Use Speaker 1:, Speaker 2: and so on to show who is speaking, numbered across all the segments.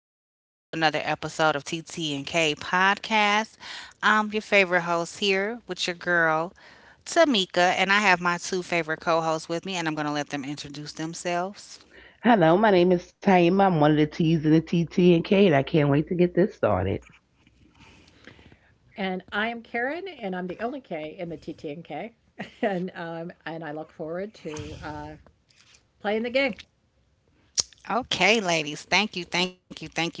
Speaker 1: Welcome back to another episode of TT and K Podcast. I'm your favorite host here with your girl, Tamika, and I have my two favorite co hosts with me, and I'm going to let them introduce themselves.
Speaker 2: Hello, my name is Taima. I'm one of the T's in the TT and K, and I can't wait to get this started.
Speaker 3: And I am Karen, and I'm the only K in the TTNK. And I look forward to playing the game.
Speaker 1: Okay, ladies. Thank you, thank you, thank you so much.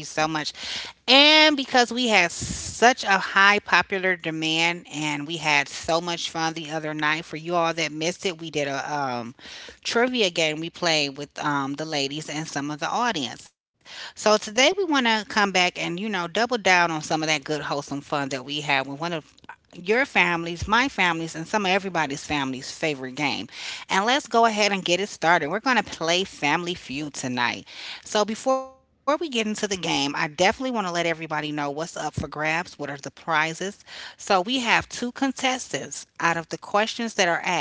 Speaker 1: And because we had such a high popular demand and we had so much fun the other night, for you all that missed it, we did a trivia game we played with the ladies and some of the audience. So today we want to come back and, you know, double down on some of that good, wholesome fun that we had with one of your family's, my family's, and some of everybody's family's favorite game. And let's go ahead and get it started. We're going to play Family Feud tonight. So, before we get into the game, I definitely want to let everybody know what's up for grabs, what are the prizes. So, we have two contestants out of the questions that are asked. The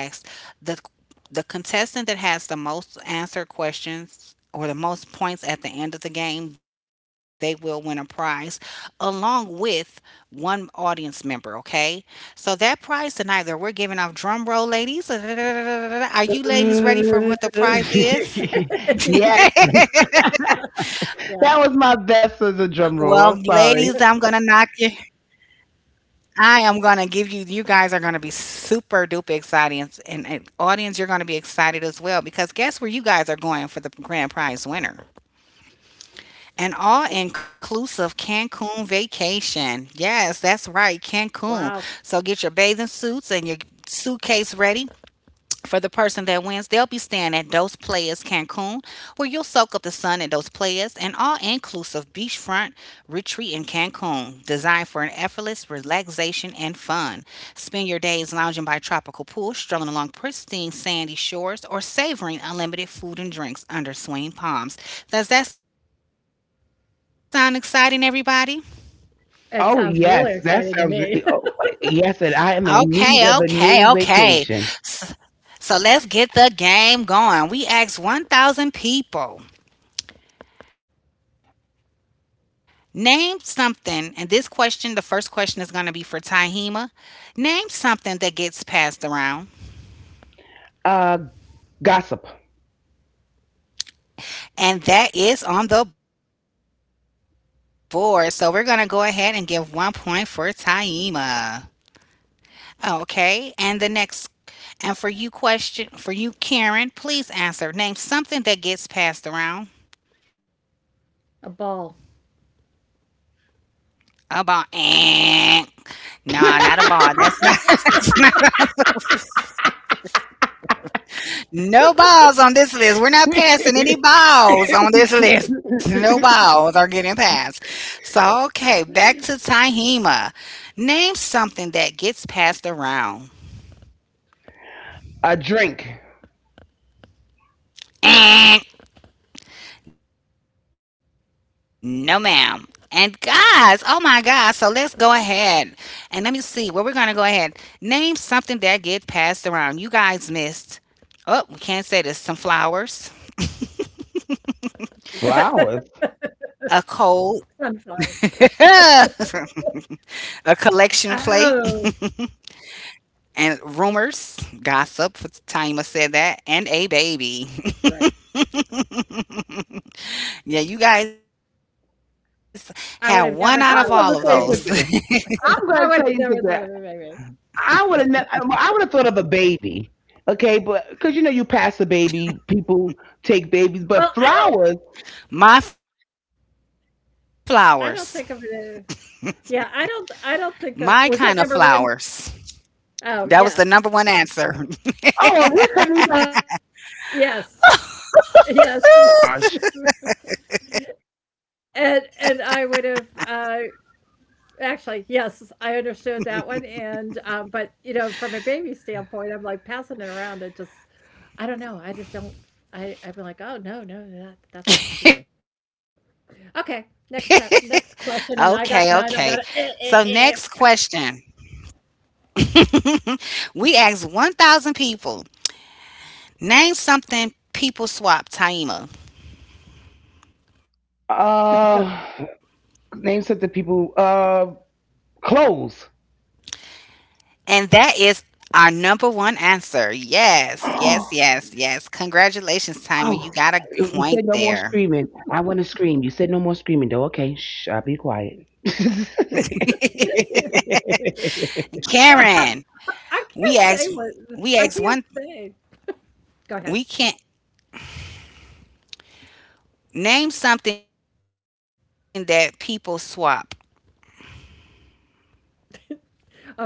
Speaker 1: the contestant that has the most answered questions or the most points at the end of the game, they will win a prize along with one audience member, okay? So that prize tonight that we're giving off drum roll ladies. Are you ladies ready for what the prize is?
Speaker 2: Yes,
Speaker 1: Well, ladies, I'm
Speaker 3: Yeah.
Speaker 2: that
Speaker 1: gonna
Speaker 2: was my
Speaker 1: knock you.
Speaker 2: best as a drum roll. I'm sorry.
Speaker 1: I am gonna give you. You guys are gonna be super duper excited, and audience, you're gonna be excited as well because guess where you guys are going for the grand prize winner? An all inclusive Cancun vacation. Yes, that's right, Cancun. So get your bathing suits and your suitcase
Speaker 3: Wow.
Speaker 1: ready for the person that wins, they'll be staying at Dos Playas Cancun, where you'll soak up the sun at Dos Playas, an all inclusive beachfront retreat in Cancun, designed for an effortless relaxation and fun. Spend your days lounging by tropical pools, strolling along pristine sandy shores, or savoring unlimited food and drinks under swaying palms. Does that sound exciting, everybody?
Speaker 2: Oh
Speaker 3: It sounds
Speaker 2: yes, that
Speaker 3: really
Speaker 2: sounds.
Speaker 3: exciting
Speaker 2: Really,
Speaker 3: to
Speaker 2: oh
Speaker 3: me.
Speaker 2: yes, and I am
Speaker 1: Okay,
Speaker 2: in need
Speaker 1: okay,
Speaker 2: of a new
Speaker 1: okay. S-
Speaker 2: vacation.
Speaker 1: So, let's get the game going. We asked 1,000 people. Name something, and this question, the first question is going to be for Tahima. Name something that gets passed around,
Speaker 2: Uh, Gossip.
Speaker 1: and that is on the board. So we're going to go ahead and give 1 point for Tahima. Okay, and the next, and for you, question for you, Karen, please answer. Name something that gets passed around.
Speaker 3: A ball.
Speaker 1: A ball. Eh. No, not a ball. That's not. No balls on this list. We're not passing any balls on this list. No balls are getting passed. So, okay, back to Tahima. Name something that gets passed around.
Speaker 2: A drink.
Speaker 1: Eh, no, ma'am. And guys, oh my God. So let's go ahead and let me see where we're going to go ahead. Name something that get passed around. You guys missed. Oh, we can't say this. Some flowers, a cold,
Speaker 2: Flowers.
Speaker 1: a
Speaker 3: Sunflowers.
Speaker 1: collection plate,
Speaker 3: Oh,
Speaker 1: and rumors, gossip. Taima said that, and a baby.
Speaker 3: right.
Speaker 1: Yeah, you guys had one out of all of those.
Speaker 3: I would have never
Speaker 2: I'm
Speaker 3: thought of
Speaker 2: gonna tell
Speaker 3: a
Speaker 2: you
Speaker 3: baby.
Speaker 2: something. I'm gonna tell
Speaker 3: I
Speaker 2: you
Speaker 3: would have
Speaker 2: something.
Speaker 3: never thought of a baby.
Speaker 2: I would have. Well, I would have thought of a baby. Okay, but because you know you pass a baby, people take babies, but
Speaker 3: Well,
Speaker 2: flowers.
Speaker 3: I don't.
Speaker 1: My flowers,
Speaker 3: I don't think of it.
Speaker 1: my
Speaker 3: Yeah,
Speaker 1: kind
Speaker 3: I
Speaker 1: of
Speaker 3: don't. I don't think
Speaker 1: flowers.
Speaker 3: of. Was that number one?
Speaker 1: That was the number one
Speaker 3: Oh,
Speaker 1: answer.
Speaker 3: yes,
Speaker 2: Oh, well, we couldn't even have said that. Other,
Speaker 3: yes,
Speaker 2: gosh.
Speaker 3: yes. And I would have, actually, yes, I understood that one, but, from a baby standpoint, I'm, like, passing it around, it just I don't know, I just don't I am like, "Oh, no, no, no, that's not what you do."
Speaker 1: Okay,
Speaker 3: Okay,
Speaker 1: okay.
Speaker 3: next up next
Speaker 1: So,
Speaker 3: question,
Speaker 1: next
Speaker 3: and I got
Speaker 1: question.
Speaker 3: none, I got it
Speaker 1: We asked 1,000 people, name something people swap, Taima.
Speaker 2: Uh, name something people. Clothes.
Speaker 1: And that is our number one answer. Yes, yes, yes, yes. Congratulations, Timer. You
Speaker 2: Oh,
Speaker 1: got a
Speaker 2: you
Speaker 1: point
Speaker 2: said no more
Speaker 1: there.
Speaker 2: screaming. I want to scream. You said no more screaming, though. Okay, shh, I'll be quiet.
Speaker 1: Karen, we
Speaker 3: eh.
Speaker 1: asked we
Speaker 3: I
Speaker 1: asked one
Speaker 3: can't say what I can't say.
Speaker 1: we can't
Speaker 3: Go ahead.
Speaker 1: name something that people swap.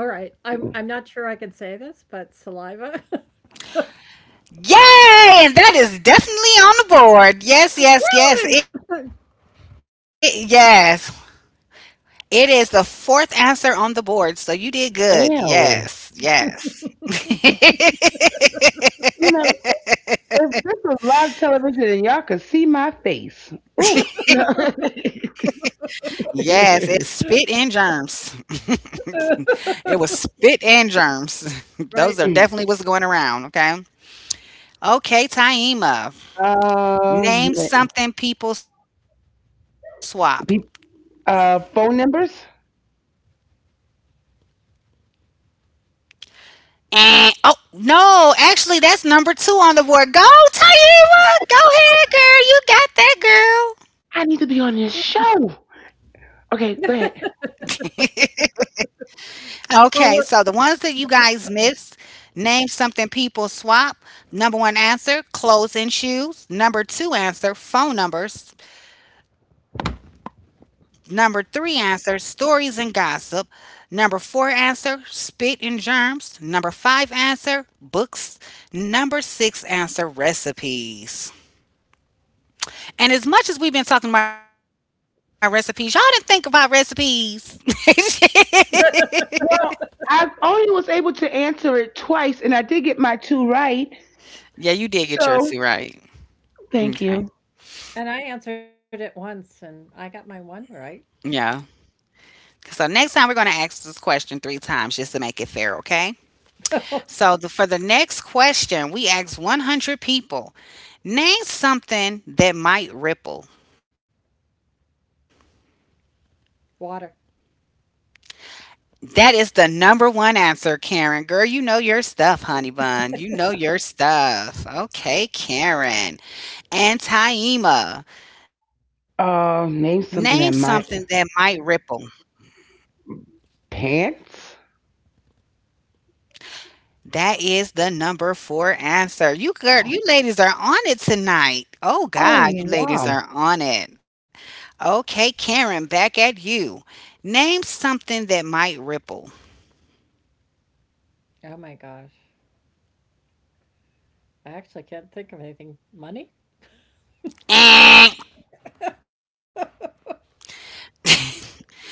Speaker 3: Alright, I'm not sure I can say this, but saliva.
Speaker 1: Yay! And that is definitely on the board. Yes, yes, yes. It
Speaker 3: Really?
Speaker 1: yes. It is the fourth answer on the board. So you did good. Yes,
Speaker 2: Ew.
Speaker 1: yes.
Speaker 2: You know, if this was live television and y'all could see my face. Ooh.
Speaker 1: Yes, it's spit
Speaker 2: uh,
Speaker 1: and germs. It was spit and germs. Those are
Speaker 3: Right.
Speaker 1: definitely what's going around, okay? Okay, Taima. Name something people swap.
Speaker 2: pe- Phone numbers?
Speaker 1: And oh no, actually that's number two on the board. Go, Taima! Go ahead, girl. You got that girl.
Speaker 2: I need to be on this show. Okay, go ahead.
Speaker 1: Okay, so the ones that you
Speaker 3: Well,
Speaker 1: guys
Speaker 3: we're.
Speaker 1: missed, name something people swap. Number one answer, clothes and shoes. Number two answer, phone numbers. Number three answer, stories and gossip. Number four answer, spit and germs. Number five answer, books. Number six answer, recipes. And as much as we've been talking about recipes, y'all didn't think about recipes.
Speaker 2: Well, I only was able to answer it twice, and I did get my two right.
Speaker 1: Yeah, you did get your
Speaker 2: So.
Speaker 1: two right.
Speaker 2: Thank
Speaker 1: Okay.
Speaker 2: you.
Speaker 3: And I answered it once and I got my one
Speaker 1: Yeah.
Speaker 3: right.
Speaker 1: So next time we're going to ask this question three times just to make it fair, okay? For the next question, we asked 100 people, name something that might ripple.
Speaker 3: Water.
Speaker 1: That is the number one answer, Karen. Girl, you know your stuff, honey bun. You know your stuff. Okay, Karen. And Taima, name something that
Speaker 2: Name
Speaker 1: might
Speaker 2: something that
Speaker 1: ripple.
Speaker 2: might Pants.
Speaker 1: That is the number four answer. You girl, you ladies are on it tonight. Oh
Speaker 2: Oh
Speaker 1: God, you ladies
Speaker 2: wow.
Speaker 1: are on it. Okay, Karen, back at you. Name something that might ripple.
Speaker 3: Oh my gosh. I actually can't think of anything. Money?
Speaker 1: Eh. So Taima,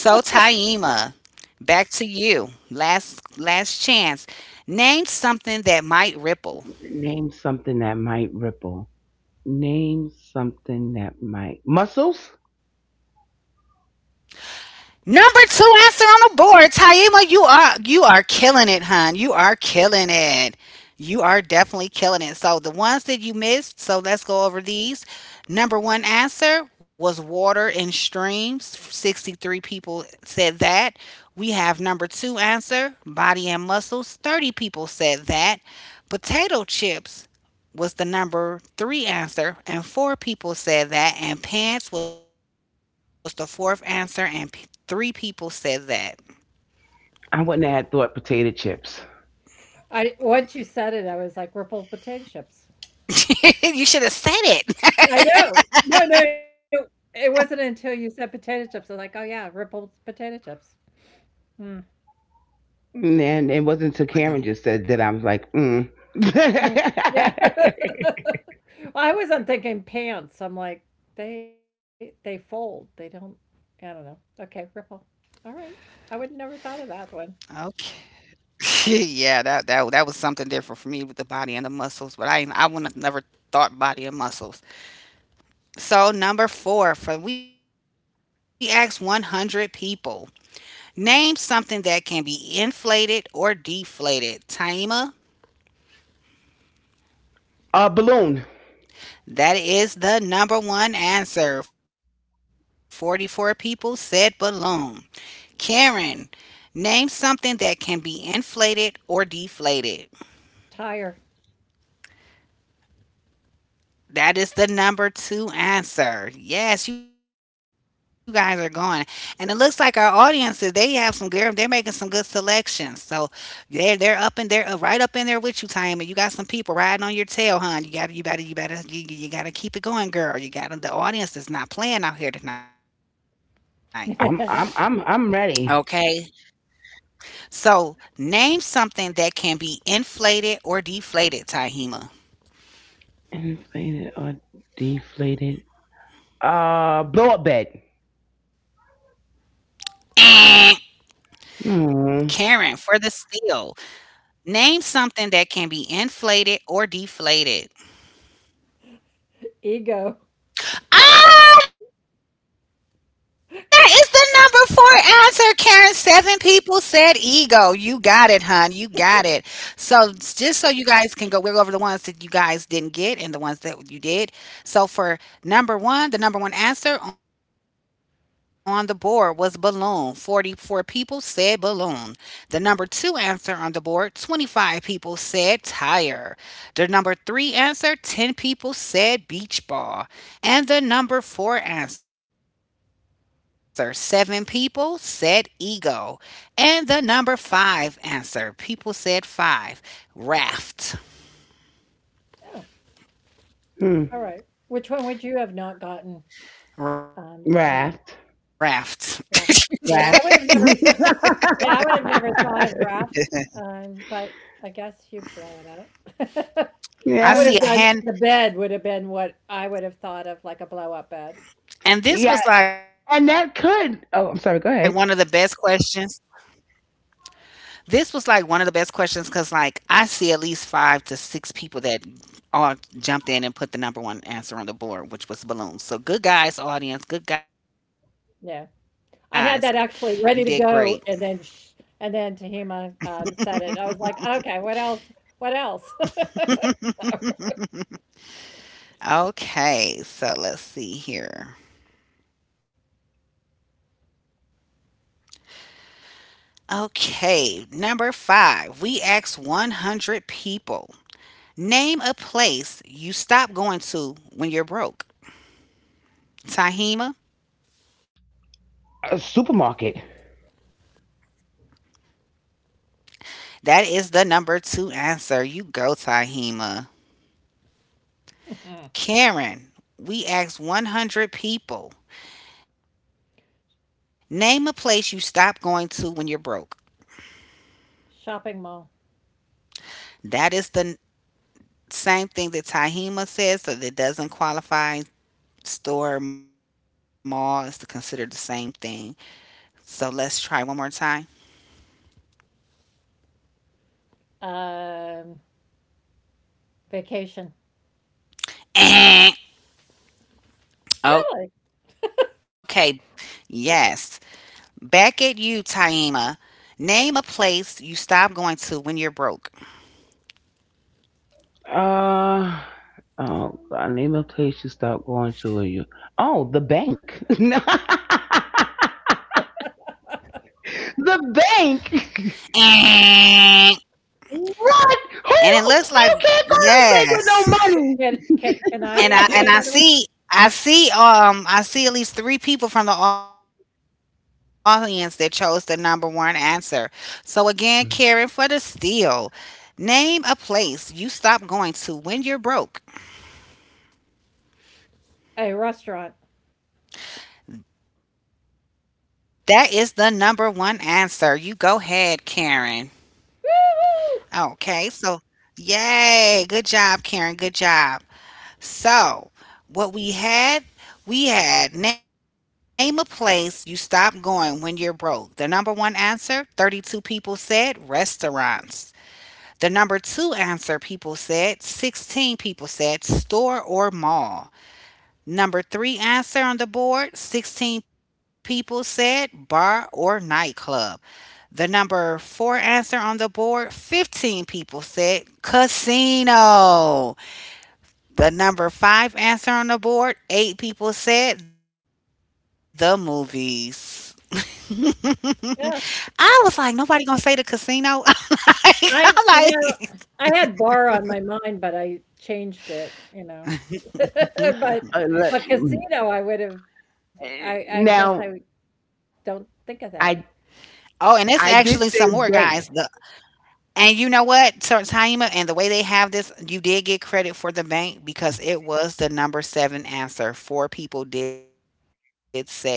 Speaker 1: back to you. Last chance. Name something that might ripple.
Speaker 2: Name something that might ripple. Name something that might muscles.
Speaker 1: Number two answer on the board, Taima. You are killing it, hon. You are killing it. You are definitely killing it. So the ones that you missed, so let's go over these. Number one answer was water and streams. 63 people said that. We have number two answer, body and muscles. 30 people said that. Potato chips was the number three answer, and four people said that, and pants was the fourth answer, and three people said that.
Speaker 2: I wouldn't have thought potato chips.
Speaker 3: I once you said it, I was like rippled potato chips.
Speaker 1: You should have said it.
Speaker 3: I know. No, no. It wasn't until you said potato chips. I was like, oh yeah, rippled potato chips. Hmm.
Speaker 2: And it wasn't until Karen just said that I was like, mm.
Speaker 3: Mm. Yeah. I wasn't thinking pants. I'm like, they fold. They don't. I don't know. Okay, ripple. All right. I would never thought of that one.
Speaker 1: Okay. Yeah, that that was something different for me with the body and the muscles, but I would have never thought body and muscles. So number four, for we asked 100 people, name something that can be inflated or deflated. Taima,
Speaker 2: Balloon.
Speaker 1: that is the number one answer. 44 people said balloon. Karen, name something that can be inflated or deflated.
Speaker 3: Tire.
Speaker 1: That is the number two answer. Yes, you guys are going. And it looks like our audiences, they have some good, they're making some good selections. So they're up in there right up in there with you, Time. You got some people riding on your tail, hon. You better, you gotta keep it going, girl. You gotta, the audience is not playing out here tonight.
Speaker 2: I'm ready.
Speaker 1: Okay. So, name something that can be inflated or deflated, Tahima.
Speaker 2: Inflated or deflated? Blow up bed. Hmm.
Speaker 1: Karen, for the steal. Name something that can be inflated or deflated.
Speaker 3: Ego.
Speaker 1: Ah, there is the number
Speaker 3: Sorry.
Speaker 1: four answer, Karen. 7 people said ego. You got it, hon. You got it. So just so you guys can go, we'll go over the ones that you guys didn't get and the ones that you did. So for number one, the number one answer on the board was balloon. 44 people said balloon. The number two answer on the board, 25 people said tire. The number three answer, 10 people said beach ball. And the number four answer, 7 people said ego. And the number five answer, people said five, raft.
Speaker 3: Oh.
Speaker 2: Hmm.
Speaker 3: All right. Which one would you have not gotten, Tehima?
Speaker 1: Raft.
Speaker 2: Raft.
Speaker 3: Raft. Yeah, I would have
Speaker 2: Rat.
Speaker 3: never yeah, I would have never thought of raft, but I guess you blow it up.
Speaker 1: I
Speaker 3: I
Speaker 1: see
Speaker 3: would
Speaker 1: a
Speaker 2: Yeah.
Speaker 3: have done
Speaker 1: hand.
Speaker 3: the bed would have been what I would have thought of, like a blow up bed.
Speaker 1: And this
Speaker 2: Yeah.
Speaker 1: was like one of the
Speaker 2: And
Speaker 1: best
Speaker 2: that
Speaker 1: questions.
Speaker 2: could oh, I'm sorry, go ahead.
Speaker 1: This was like one of the best questions because, like, I see at least five to six people that all jumped in and put the number one answer on the board, which was balloons. So, good guys, audience. Good guys.
Speaker 3: Yeah.
Speaker 1: You did great.
Speaker 3: I had that actually ready to go and then sh and then Tahima said it. I was like, "Okay, what else? What else?" So,
Speaker 1: Okay. So, let's see here. Okay, number five, we asked 100 people. Name a place you stop going to when you're broke. Tahima,
Speaker 2: A supermarket.
Speaker 1: that is the number two answer. You go, Tahima. Karen, we asked 100 people. Name a place you stop going to when you're broke.
Speaker 3: shopping mall.
Speaker 1: That is same thing that Tahima says, so that doesn't qualify. Store, mall is considered the same thing. So let's try one more time.
Speaker 3: Um, Vacation. Really?
Speaker 1: Okay. Yes. Back at you, Taima. Name a place you stop going to when you're broke.
Speaker 2: Uh oh God, name a place you stop going to or you. Oh, the bank. The bank. What? Who
Speaker 1: And
Speaker 2: you
Speaker 1: it
Speaker 2: can't
Speaker 1: looks
Speaker 2: go to
Speaker 1: like
Speaker 2: the bank with
Speaker 3: C
Speaker 1: yes.
Speaker 2: no
Speaker 3: can I
Speaker 2: money.
Speaker 3: say another one?
Speaker 1: And I see I see I see at least three people from the audience that chose the number one answer. So again, Karen for the steal. Name a place you stop going to when you're broke.
Speaker 3: A restaurant.
Speaker 1: That is the number one answer. You go ahead, Karen.
Speaker 3: Woo-hoo!
Speaker 1: Okay, so yay, good job, Karen. Good job. So, what we had name a place you stop going when you're broke. The number one answer, 32 people said restaurants. The number two answer, people said, 16 people said store or mall. Number three answer on the board, 16 people said bar or nightclub. The number four answer on the board, 15 people said casino. The number five answer on the board, 8 people said the movies. I was
Speaker 3: Yeah,
Speaker 1: like, nobody gonna say the casino. I'm like,
Speaker 3: I you know, I had bar on my mind, but I changed it. But
Speaker 2: Let-
Speaker 3: but
Speaker 2: mm.
Speaker 3: casino, I would have I
Speaker 2: Uh,
Speaker 3: guess I
Speaker 2: now
Speaker 3: don't think of that.
Speaker 1: oh, and it's
Speaker 2: I
Speaker 1: actually some more
Speaker 2: I
Speaker 1: guys. The,
Speaker 2: did say bank.
Speaker 1: and you know what, Sir Taima, and the way they have this, you did get credit for the bank because it was the number seven answer. Four people did say bank.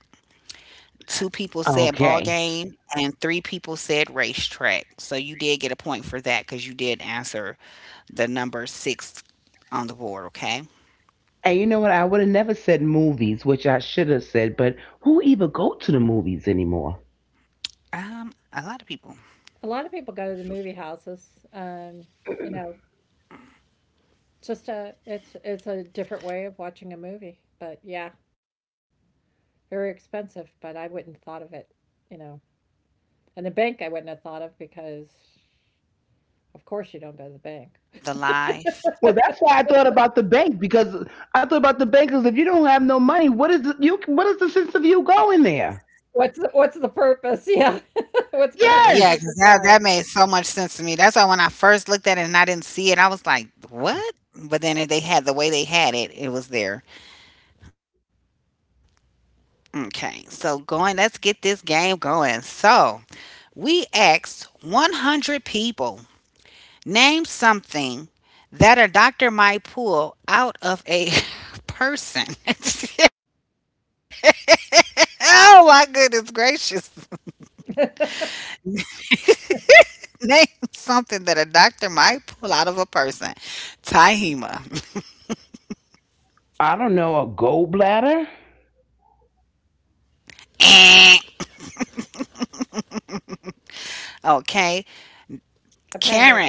Speaker 1: 2 people said ball game,
Speaker 2: Okay.
Speaker 1: and 3 people said racetrack. So you did get a point for that because you did answer the number 6 on the board, okay?
Speaker 2: And you know what? I would have never said movies, which I should have said, but who even go to the movies anymore?
Speaker 1: A lot of people.
Speaker 3: A lot of people go to the movie houses. You know, just a it's a different way of watching a movie. But yeah, very expensive, but I wouldn't thought of it, you know. And the bank I wouldn't have thought of because of course you don't go to the bank.
Speaker 1: The live.
Speaker 2: Well, that's why I thought about the bank because I thought about the bank because if you don't have no money, what is it, you? What is the sense of you going there?
Speaker 3: What's the purpose? Yeah. What's the
Speaker 1: Yeah,
Speaker 2: Yes,
Speaker 1: because
Speaker 3: purpose?
Speaker 1: that
Speaker 3: Yeah.
Speaker 1: made so much sense to me. That's why when I first looked at it and I didn't see it, I was like, "What?" But then if they had the way they had it, it was there. Okay, so going, let's get this game going. So we asked 100 people. Name something that a doctor might pull out of a person. Oh my goodness gracious. Name something that a doctor might pull out of a person. Tahima.
Speaker 2: I don't know, a gallbladder.
Speaker 1: Eh. Okay. Karen.
Speaker 3: Appendix.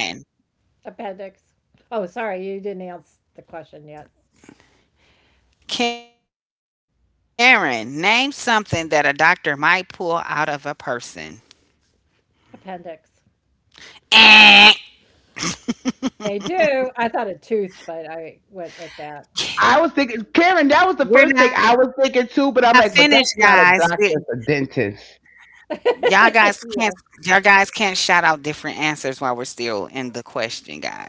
Speaker 3: Appendix. Oh, sorry, you didn't answer the question yet.
Speaker 1: Karen, name something that a doctor might pull out of a person.
Speaker 3: Appendix.
Speaker 1: Eh.
Speaker 3: They do. I thought a tooth, but I went with that.
Speaker 2: I was thinking, Karen, that was the
Speaker 1: We're
Speaker 2: first thing
Speaker 1: not
Speaker 2: I was
Speaker 1: finished,
Speaker 2: thinking too,
Speaker 1: guys.
Speaker 2: but I'm like, but that's not a doctor, it's a dentist.
Speaker 1: Y'all guys can't
Speaker 3: Yeah.
Speaker 1: shout out different answers while we're still in the question, guys.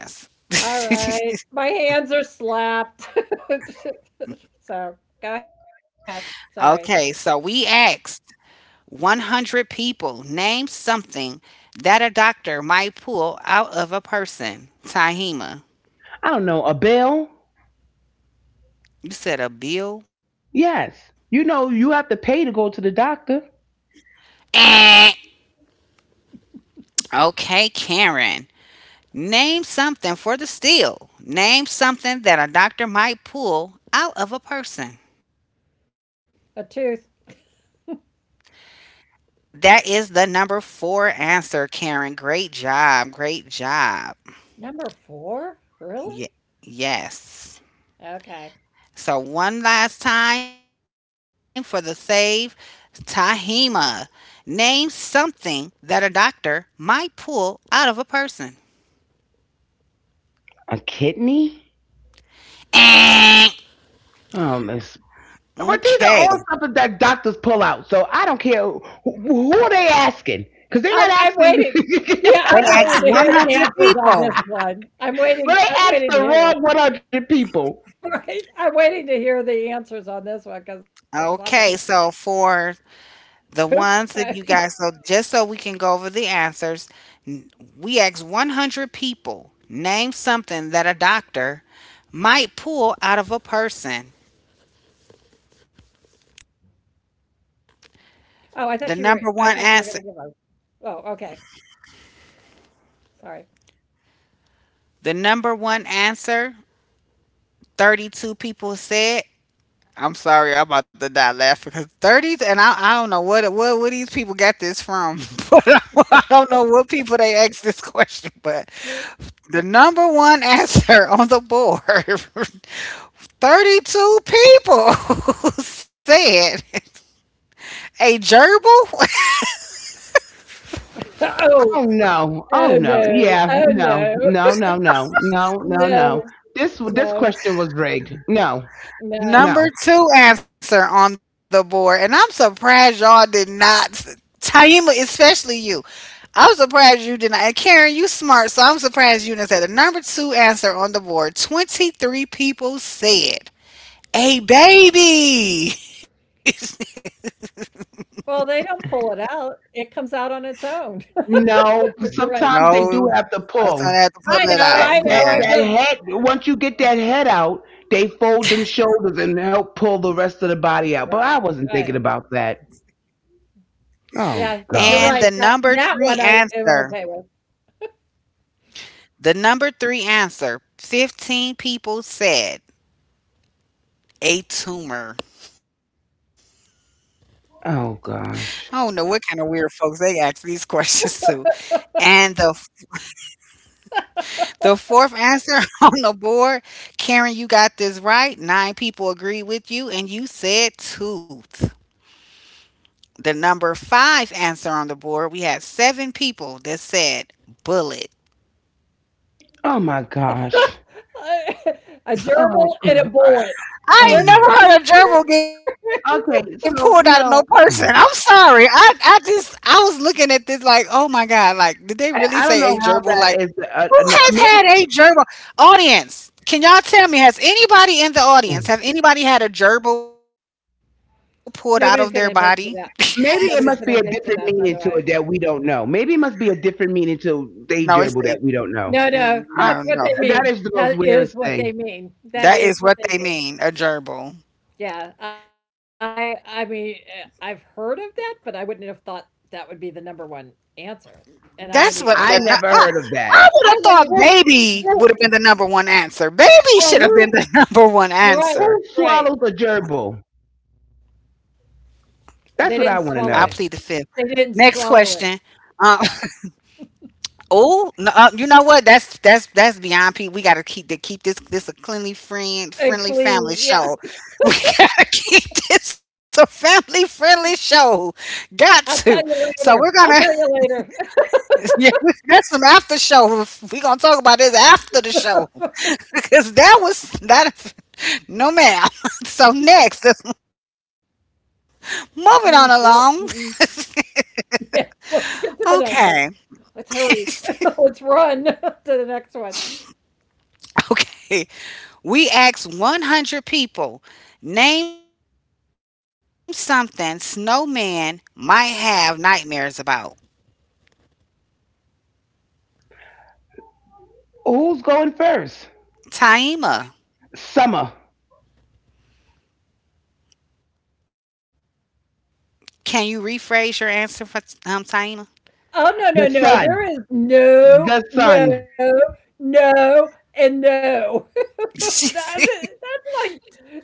Speaker 3: All right. My hands are slapped. So go ahead.
Speaker 1: Okay, so
Speaker 3: Sorry.
Speaker 1: we asked 100 people, name something that a doctor might pull out of a person. Tahima,
Speaker 2: I don't know, a bill.
Speaker 1: you said a bill?
Speaker 2: Yes, you know you have to pay to go to the doctor.
Speaker 1: Eh. Okay, Karen. Name something for the steal. Name something that a doctor might pull out of a person.
Speaker 3: A tooth.
Speaker 1: That is the number four answer, Karen. Great job. Great job.
Speaker 3: Number four?
Speaker 1: Ye-
Speaker 3: Really?
Speaker 1: yes.
Speaker 3: Okay.
Speaker 1: So, one last time for the save. Tahima, name something that a doctor might pull out of a person.
Speaker 2: A kidney.
Speaker 1: Eh.
Speaker 2: Um, But these
Speaker 1: Okay.
Speaker 2: are all something that doctors pull out. So I don't care who are they asking. Because they're
Speaker 3: I'm
Speaker 2: not
Speaker 3: waiting. Yeah,
Speaker 1: They
Speaker 3: I'm
Speaker 1: asked
Speaker 2: asking.
Speaker 3: waiting to hear the
Speaker 1: 100
Speaker 3: answers on
Speaker 1: people.
Speaker 3: this one. I'm waiting.
Speaker 2: Well, they
Speaker 3: I'm
Speaker 2: asked
Speaker 3: waiting to
Speaker 2: the
Speaker 3: hear.
Speaker 2: wrong 100 people.
Speaker 3: Right? I'm waiting to hear the answers on this one because I'm like,
Speaker 1: Okay. So, for The
Speaker 3: poop.
Speaker 1: ones that you guys, so just so we can go over the answers, n- we asked 100 people, name something that a doctor might pull out of a person.
Speaker 3: Oh, I thought you were.
Speaker 1: The
Speaker 3: I
Speaker 1: number
Speaker 3: thought you
Speaker 1: one
Speaker 3: were going to give
Speaker 1: answer,
Speaker 3: us. Oh, okay. Sorry.
Speaker 1: the number one answer, 32 people said. I'm sorry, I'm about to die laughing because 30s, and I don't know what, what these people got this from, but I don't know what people they asked this question. But the number one answer on the board 32 people said a gerbil.
Speaker 3: Oh,
Speaker 2: Oh, no. Oh,
Speaker 3: oh
Speaker 2: no.
Speaker 3: no.
Speaker 2: Yeah.
Speaker 3: Oh
Speaker 2: No.
Speaker 3: no.
Speaker 2: No. No, no,
Speaker 3: No,
Speaker 2: no. This, this
Speaker 3: no,
Speaker 2: question was rigged. No.
Speaker 3: no.
Speaker 2: No.
Speaker 1: Number two answer on the board. And I'm surprised y'all did not. Taima, especially you. I'm surprised you did not. And Karen, you smart, so I'm surprised you didn't say the number two answer on the board. 23 people said a baby.
Speaker 3: Well, they don't pull it out. It comes out on its own. But
Speaker 2: No.
Speaker 3: you're right.
Speaker 2: Sometimes they
Speaker 1: No,
Speaker 2: do have to
Speaker 1: that's how
Speaker 2: pull.
Speaker 1: I had to
Speaker 3: I
Speaker 1: pull it
Speaker 3: know.
Speaker 2: That,
Speaker 1: out.
Speaker 3: I know.
Speaker 2: that,
Speaker 1: Yeah.
Speaker 3: I'm
Speaker 2: that
Speaker 3: just.
Speaker 2: head,
Speaker 3: Yeah.
Speaker 2: once you get that head out, they fold them shoulders and help pull the rest of the body out. But I
Speaker 3: Right.
Speaker 2: wasn't
Speaker 3: Right.
Speaker 2: thinking about that.
Speaker 3: Yeah,
Speaker 1: And the
Speaker 3: but
Speaker 2: Oh
Speaker 3: you're
Speaker 1: number
Speaker 3: right,
Speaker 2: gosh.
Speaker 3: that
Speaker 1: three
Speaker 3: that one I
Speaker 1: answer
Speaker 3: am okay with.
Speaker 1: The number three answer 15 people said a tumor. I don't
Speaker 2: Oh
Speaker 1: know what kind of weird
Speaker 2: gosh.
Speaker 1: folks they ask these questions to. And the, the fourth answer on the board, Karen, you got this right. Nine people agree with you, and you said tooth. The number five answer on the board, we had seven people that said bullet.
Speaker 2: Oh my gosh.
Speaker 3: A gerbil
Speaker 2: Oh.
Speaker 3: and a
Speaker 2: uh,
Speaker 3: bullet.
Speaker 1: I
Speaker 2: uh,
Speaker 1: ain't
Speaker 3: Let's.
Speaker 1: never heard a gerbil getting pulled out of no
Speaker 2: okay.
Speaker 1: person. I'm
Speaker 2: So you
Speaker 1: sorry.
Speaker 2: know,
Speaker 1: I just I was looking at this like, oh my god, like did they really say a gerbil?
Speaker 2: I,
Speaker 1: Like
Speaker 2: I don't know how
Speaker 1: who
Speaker 2: that is.
Speaker 1: has
Speaker 2: No,
Speaker 1: had a
Speaker 2: maybe
Speaker 1: gerbil? Audience, can y'all tell me, has anybody in the audience, have anybody had a gerbil pulled out of their body?
Speaker 3: Nobody's gonna admit to that. Nobody's
Speaker 2: maybe it
Speaker 3: gonna
Speaker 2: must
Speaker 3: admit
Speaker 2: be a
Speaker 3: to that,
Speaker 2: different
Speaker 3: by the
Speaker 2: meaning
Speaker 3: way.
Speaker 2: to it that we don't know. Maybe it must be a different meaning to
Speaker 1: No,
Speaker 2: day
Speaker 1: it's a
Speaker 2: gerbil that we don't know.
Speaker 3: No, no,
Speaker 1: no,
Speaker 3: that's
Speaker 2: I,
Speaker 3: what
Speaker 1: no.
Speaker 3: they mean.
Speaker 2: that is the
Speaker 3: That
Speaker 2: most
Speaker 3: is
Speaker 2: weirdest
Speaker 3: what they
Speaker 2: thing.
Speaker 3: mean. That
Speaker 1: That
Speaker 3: is
Speaker 1: is
Speaker 3: what
Speaker 1: what
Speaker 3: they
Speaker 1: they
Speaker 3: mean.
Speaker 1: mean, a gerbil.
Speaker 3: Yeah, I mean, I've heard of that, but I wouldn't have thought that would be the number one answer, and I
Speaker 1: That's
Speaker 3: wouldn't
Speaker 1: what
Speaker 3: even have
Speaker 1: the nu-
Speaker 2: I
Speaker 3: thought.
Speaker 2: never heard of
Speaker 1: I
Speaker 2: that.
Speaker 1: would have
Speaker 3: I
Speaker 1: thought.
Speaker 3: wouldn't.
Speaker 2: Who,
Speaker 1: Baby would have been the
Speaker 2: who,
Speaker 1: number one answer. Baby
Speaker 2: well,
Speaker 1: should have been
Speaker 2: who,
Speaker 1: the number one
Speaker 3: Right,
Speaker 1: answer.
Speaker 2: who
Speaker 3: right.
Speaker 2: swallows a gerbil?
Speaker 3: They
Speaker 1: I
Speaker 3: didn't
Speaker 1: plead the
Speaker 2: That's
Speaker 1: fifth.
Speaker 2: what
Speaker 3: swallow
Speaker 2: I
Speaker 3: it.
Speaker 2: want to know.
Speaker 1: Next
Speaker 3: They didn't
Speaker 1: question.
Speaker 3: swallow
Speaker 1: Um,
Speaker 3: it.
Speaker 1: oh, no, you know what? That's beyond Pete. We gotta keep this a cleanly friend friendly
Speaker 3: And
Speaker 1: family
Speaker 3: clean,
Speaker 1: show.
Speaker 3: yeah.
Speaker 1: We gotta keep this a family friendly show. Got
Speaker 3: I'll
Speaker 1: to.
Speaker 3: tell you
Speaker 1: So we're
Speaker 3: later.
Speaker 1: gonna
Speaker 3: I'll tell you later.
Speaker 1: yeah, We that's some after show. We gonna talk about this after the show because that was that. No ma'am. So
Speaker 3: Yeah,
Speaker 1: next, moving on along.
Speaker 3: mm, yeah, mm-mm. Yeah, let's
Speaker 1: Okay.
Speaker 3: get to the next one. Let's hurry. Let's run. To the next one.
Speaker 1: Okay. We asked 100 people, name something snowman might have nightmares about.
Speaker 2: Who's going first?
Speaker 1: Taima,
Speaker 2: Summer.
Speaker 1: can you rephrase your answer for Taima?
Speaker 3: Oh, no, no,
Speaker 2: The
Speaker 3: no. There
Speaker 2: sun.
Speaker 3: is no,
Speaker 2: The sun.
Speaker 3: no, no, and no. That's it. That's like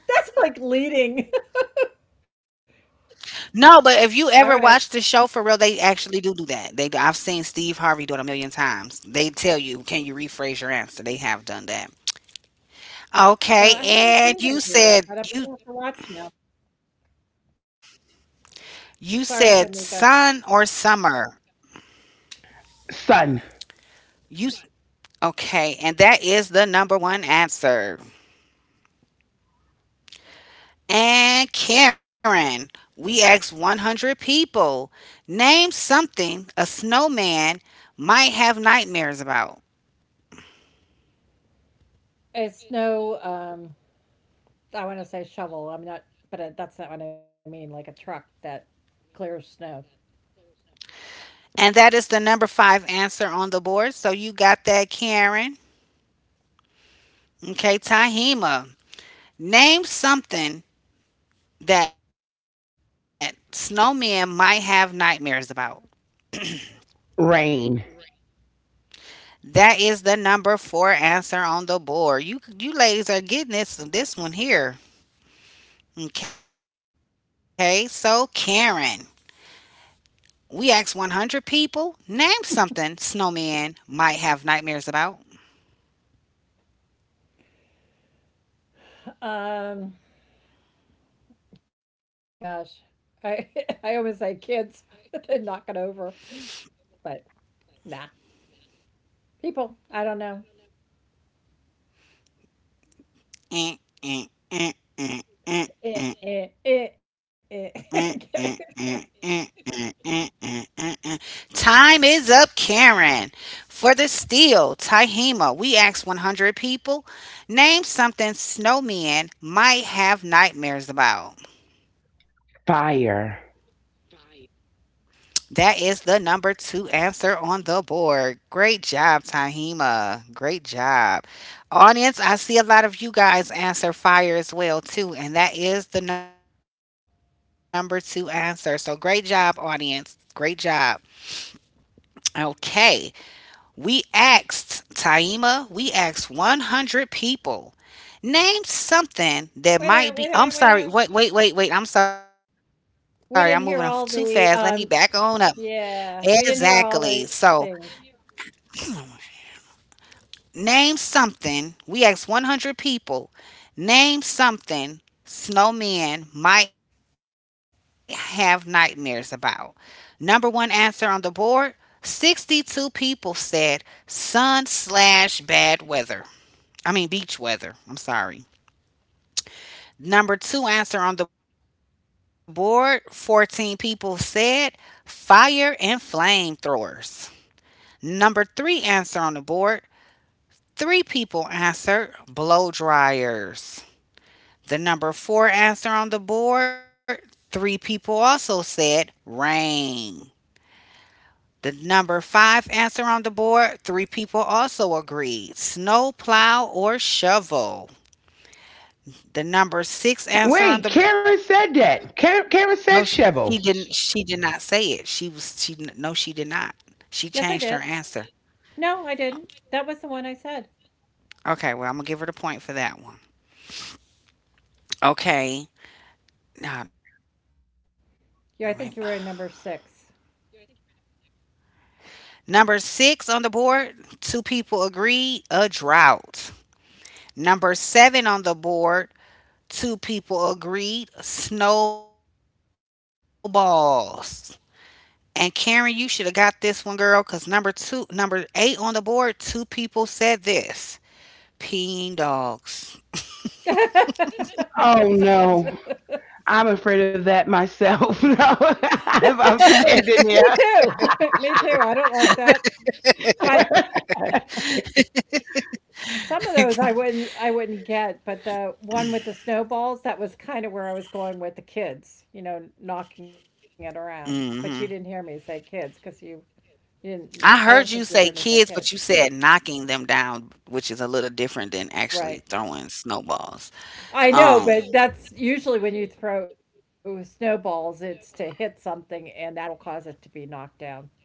Speaker 3: that's like leading.
Speaker 1: No, but if you ever watch the show for
Speaker 3: All
Speaker 1: real,
Speaker 3: right.
Speaker 1: they actually do do that. They I've seen Steve Harvey do it a million times. They tell you, can you rephrase your answer? They have done that. Okay,
Speaker 3: Oh, I
Speaker 1: and
Speaker 3: haven't
Speaker 1: you
Speaker 3: seen him do
Speaker 1: said
Speaker 3: that, but I'm
Speaker 1: you
Speaker 3: gonna have to watch now.
Speaker 1: you said sun
Speaker 3: Sorry,
Speaker 1: or
Speaker 3: Jamaica.
Speaker 1: summer. You
Speaker 2: Sun.
Speaker 1: Okay, and that is the number one answer. And Karen, we asked 100 people, name something a snowman might have nightmares about.
Speaker 3: It's no. I want to say shovel. I'm not, but that's not what I mean. Like a truck that clears snow.
Speaker 1: And that is the number five answer on the board. So you got that, Karen. Okay, Tahima, name something that snowmen might have nightmares about.
Speaker 2: Rain.
Speaker 1: That is the number four answer on the board. You ladies are getting this one here. Okay, so Karen, we asked 100 people, name something snowmen might have nightmares about.
Speaker 3: Um, Gosh, I I always say kids. They knock it over, but nah, people. I don't know.
Speaker 1: Eh, eh, eh, eh, eh, eh, eh,
Speaker 3: Eh,
Speaker 1: eh,
Speaker 3: eh,
Speaker 1: eh,
Speaker 3: eh, eh.
Speaker 1: eh, eh,
Speaker 3: Okay.
Speaker 1: eh, eh, eh, eh. Time is up, Karen. For the steal, Tahima, we asked 100 people, name something snowmen might have nightmares about.
Speaker 2: Fire.
Speaker 1: That is the number two answer on the board. Great job, Tahima. Great job. Audience, I see a lot of you guys answer fire as well, too. And that is the number two answer. So great job, audience. Great job. Okay. We asked, Taima, we asked 100 people. Name something that might be.
Speaker 3: Wait a
Speaker 1: I'm
Speaker 3: minute. Wait a
Speaker 1: sorry.
Speaker 3: minute. Wait a
Speaker 1: Wait, wait,
Speaker 3: minute.
Speaker 1: wait, wait. I'm sorry. I'm moving off too
Speaker 3: We
Speaker 1: fast. Let
Speaker 3: didn't
Speaker 1: me
Speaker 3: hear
Speaker 1: back
Speaker 3: all
Speaker 1: on up.
Speaker 3: the.
Speaker 1: Exactly.
Speaker 3: Yeah, we didn't
Speaker 1: So
Speaker 3: hear all the things.
Speaker 1: Name something. We asked 100 people. Name something snowmen might have nightmares about. Number one answer on the board, 62 people said sun slash bad weather. I mean, beach weather. I'm sorry. Number two answer on the board, 14 people said fire and flamethrowers. Number three answer on the board, three people answered blow dryers. The number four answer on the board, three people also said rain. The number five answer on the board, three people also agreed snow plow or shovel. The number six answer on the
Speaker 2: Wait, Karen said that. Karen,
Speaker 1: No,
Speaker 2: Karen said
Speaker 1: she didn't.
Speaker 2: shovel.
Speaker 1: She did not say it. She was she No, she did not. She changed
Speaker 3: Yes, I
Speaker 1: her
Speaker 3: did.
Speaker 1: answer.
Speaker 3: No, I didn't. That was the one I said.
Speaker 1: Okay, well, I'm gonna give her the point for that one. Okay, no, no, maybe
Speaker 3: Yeah, I think you were in number six.
Speaker 1: Number six on the board, two people agreed, a drought. Number seven on the board, two people agreed, snowballs. And Karen, you should have got this one, girl, because number eight on the board, two people said this, peeing dogs.
Speaker 2: Oh no. I'm afraid of that myself. No, I'm
Speaker 3: Me
Speaker 2: standing
Speaker 3: too.
Speaker 2: there.
Speaker 3: Me too. I don't like that. But some of those I wouldn't get, but the one with the snowballs, that was kind of where I was going with the kids, knocking it
Speaker 1: Hmm,
Speaker 3: around. But you didn't hear me say kids because you didn't.
Speaker 1: I
Speaker 3: I
Speaker 1: heard
Speaker 3: don't
Speaker 1: you
Speaker 3: think
Speaker 1: say
Speaker 3: you heard me
Speaker 1: kids,
Speaker 3: say
Speaker 1: but you
Speaker 3: kids.
Speaker 1: said knocking them down, which is a little different than actually
Speaker 3: Right.
Speaker 1: throwing snowballs.
Speaker 3: I know,
Speaker 1: Um,
Speaker 3: but that's usually when you throw snowballs, it's to hit something and that'll cause it to be knocked down.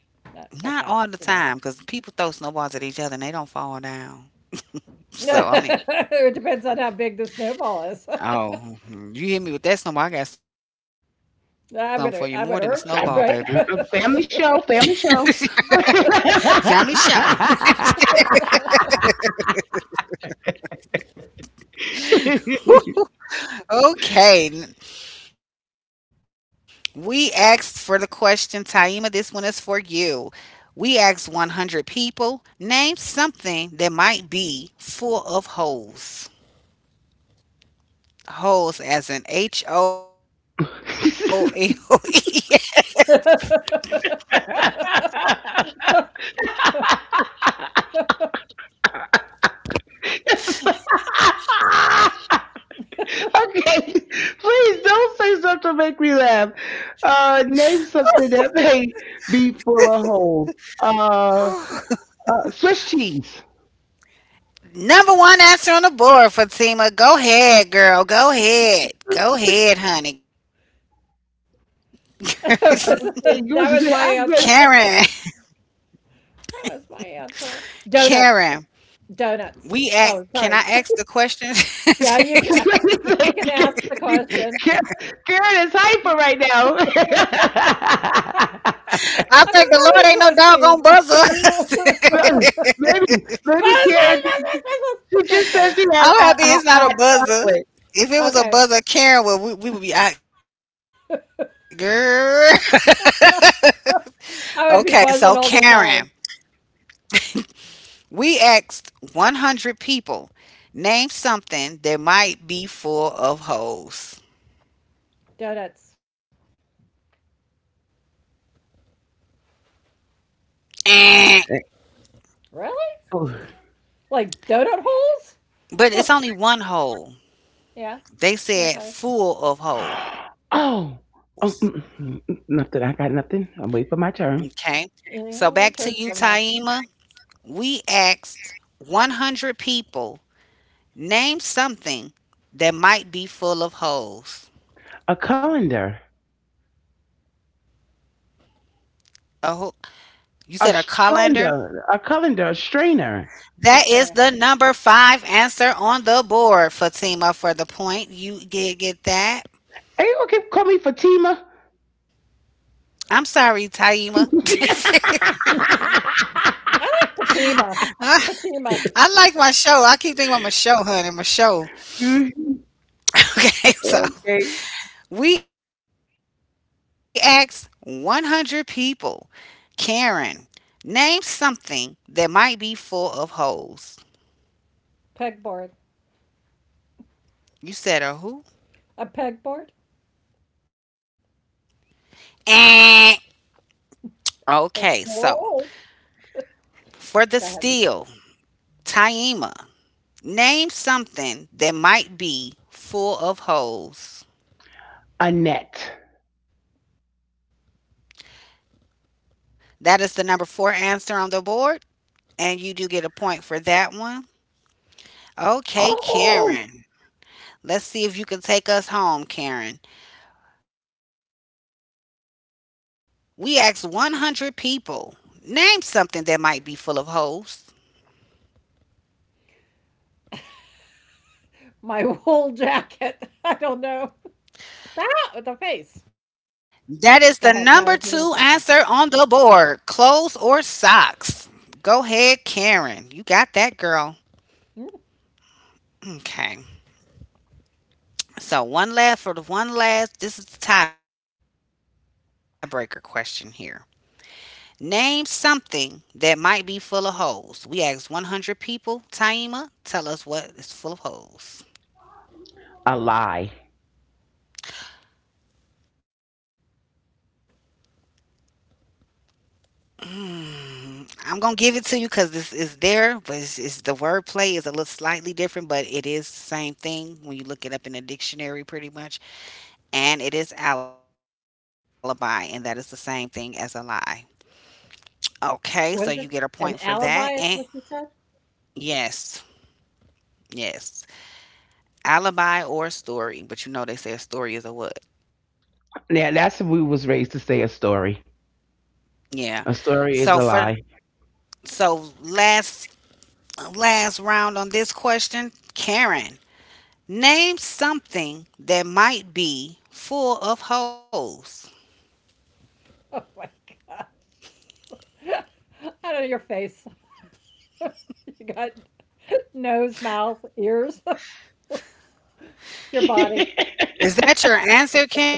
Speaker 3: But
Speaker 1: Not
Speaker 3: that's,
Speaker 1: all the time, cause people throw snowballs at each other and they don't fall down. So, I mean
Speaker 3: it depends on how big the snowball is.
Speaker 1: oh, mhm, you hit me with that snowball, I got something for you more than a
Speaker 3: I'm gonna
Speaker 1: snowball,
Speaker 3: I'm gonna
Speaker 1: baby.
Speaker 3: hurt you, right?
Speaker 2: Family show, family show.
Speaker 1: Family show. Okay, we asked for the question, Taima, this one is for you. We asked 100 people, name something that might be full of holes. Holes as in H O L E.
Speaker 2: Okay, please don't say something to make me laugh. Name something that may be full of holes. Uh, Swiss cheese.
Speaker 1: Number one answer on the board, Fatima. Go ahead, girl. Go ahead. Go ahead, honey.
Speaker 3: That was that
Speaker 2: Okay,
Speaker 3: was
Speaker 2: you
Speaker 3: my
Speaker 2: was
Speaker 1: Karen,
Speaker 2: say I
Speaker 3: answer.
Speaker 2: guess.
Speaker 3: That was my answer.
Speaker 1: Karen,
Speaker 3: Donuts. Donuts.
Speaker 1: we act.
Speaker 3: Oh, sorry.
Speaker 1: Can I ask the question?
Speaker 3: Yeah,
Speaker 1: I
Speaker 3: you
Speaker 2: Wait
Speaker 3: can.
Speaker 2: a
Speaker 3: You can ask
Speaker 2: second.
Speaker 3: the question.
Speaker 2: Karen Karen is hyper right now.
Speaker 1: thank the Lord ain't
Speaker 3: Oh, 'cause
Speaker 1: no
Speaker 3: mine
Speaker 1: doggone
Speaker 3: was Swiss
Speaker 1: buzzer.
Speaker 3: cheese.
Speaker 2: maybe,
Speaker 3: Buzz,
Speaker 2: Maybe
Speaker 3: buzz, buzz,
Speaker 2: Karen
Speaker 3: buzz,
Speaker 2: just,
Speaker 3: buzz,
Speaker 2: she
Speaker 3: buzz.
Speaker 2: just
Speaker 3: Sorry.
Speaker 2: said she had
Speaker 1: I'm happy it's not
Speaker 2: hot
Speaker 1: a buzzer.
Speaker 2: chocolate.
Speaker 1: If it was a
Speaker 3: Okay.
Speaker 1: buzzer, Karen would we would be out, girl. Okay, so
Speaker 3: I would be
Speaker 1: Karen,
Speaker 3: buzzing all the time.
Speaker 1: we asked 100 people, name something that might be full of holes.
Speaker 3: Donuts.
Speaker 1: Eh,
Speaker 3: Really?
Speaker 2: Oh,
Speaker 3: Like donut holes?
Speaker 1: but it's only one
Speaker 3: Yeah.
Speaker 1: hole.
Speaker 3: Okay.
Speaker 1: They said full of
Speaker 2: oh,
Speaker 1: holes.
Speaker 2: oh nothing. I got nothing. I'm waiting for my turn.
Speaker 1: Okay.
Speaker 3: Yeah, your turn's coming
Speaker 1: So
Speaker 3: up.
Speaker 1: back to you, Taima. We asked 100 people, name something that might be full of
Speaker 2: A
Speaker 1: holes.
Speaker 2: colander.
Speaker 1: A ho- you said a colander?
Speaker 2: Colander. A colander. A strainer.
Speaker 3: That's true.
Speaker 1: That is the number five answer on the board, Fatima, for the point. You did get
Speaker 2: Ain't you gonna
Speaker 1: that.
Speaker 2: keep calling me Fatima?
Speaker 1: I'm sorry, Taima.
Speaker 3: I like Patima. Patima
Speaker 1: I like my show. I keep thinking about my show, honey. My show.
Speaker 2: Mhm. Okay.
Speaker 1: Okay, so we asked 100 people, Karen, name something that might be full of holes.
Speaker 3: pegboard.
Speaker 1: You
Speaker 3: A
Speaker 1: said a
Speaker 3: pegboard?
Speaker 1: who? Eh.
Speaker 3: It's wool.
Speaker 1: Okay, so
Speaker 3: Go ahead.
Speaker 1: for the steel, Taima, name something that might be full of
Speaker 2: A
Speaker 1: holes.
Speaker 2: net.
Speaker 1: That is the number four answer on the board, and you do get a point for that one.
Speaker 2: Oh.
Speaker 1: Okay, Karen. Let's see if you can take us home, Karen. We asked 100 people, name something that might be full of holes.
Speaker 3: My wool jacket. I don't know. Ah, with the face. Go
Speaker 1: That
Speaker 3: ahead.
Speaker 1: is
Speaker 3: No,
Speaker 1: the
Speaker 3: it's a wool
Speaker 1: number
Speaker 3: jacket.
Speaker 1: two answer on the board, clothes or socks. Go ahead, Karen. You got that, girl.
Speaker 3: Hmm?
Speaker 1: Okay. So, one last for the one last. This is the tiebreaker question here. Name something that might be full of holes. We asked 100 people. Taima, tell us what is full of holes.
Speaker 2: A lie.
Speaker 1: I'm gonna give it to you because this is there, but it's, the wordplay is a little slightly different, but it is the same thing when you look it up in the dictionary, pretty much. And it is alibi, and that is the same thing as a lie.
Speaker 3: What is it?
Speaker 1: Okay, so
Speaker 3: An
Speaker 1: you get a point
Speaker 3: alibi
Speaker 1: for
Speaker 3: is what you
Speaker 1: that.
Speaker 3: said?
Speaker 1: And yes, yes, alibi or story, but you know they say a story is a what?
Speaker 2: Yeah, that's what we was raised to say a story. A story
Speaker 1: Yeah.
Speaker 2: is a lie.
Speaker 1: So for so last round on this question, Karen. Name something that might be full of
Speaker 3: Oh
Speaker 1: holes.
Speaker 3: my gosh. I don't know your face. You got nose, mouth, ears, your
Speaker 2: You
Speaker 3: body.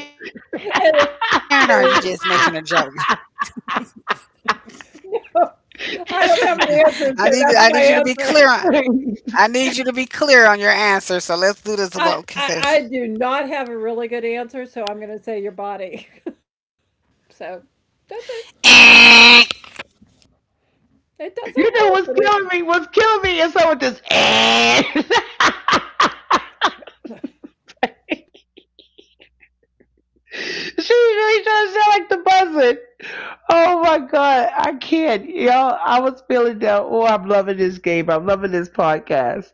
Speaker 1: Is that your answer,
Speaker 3: It is.
Speaker 1: Karen, or are you just making a joke?
Speaker 3: No, I don't have an answer, so that's my
Speaker 1: I
Speaker 3: answer.
Speaker 1: need I need you to be clear on I need You to be clear on your
Speaker 3: I
Speaker 1: answer.
Speaker 3: I
Speaker 1: So
Speaker 3: I
Speaker 1: let's do
Speaker 3: do
Speaker 1: this. Well,
Speaker 3: not have
Speaker 1: okay,
Speaker 3: a really good answer, so I'm gonna say your body. So that's it. It does have
Speaker 2: know
Speaker 3: holes
Speaker 2: what's
Speaker 3: in it.
Speaker 2: killing me? What's killing me is someone just eh. She's really trying to sound like the buzzard. Oh my god, I can't. Y'all, I was feeling down. Oh, I'm loving this game. I'm loving this podcast.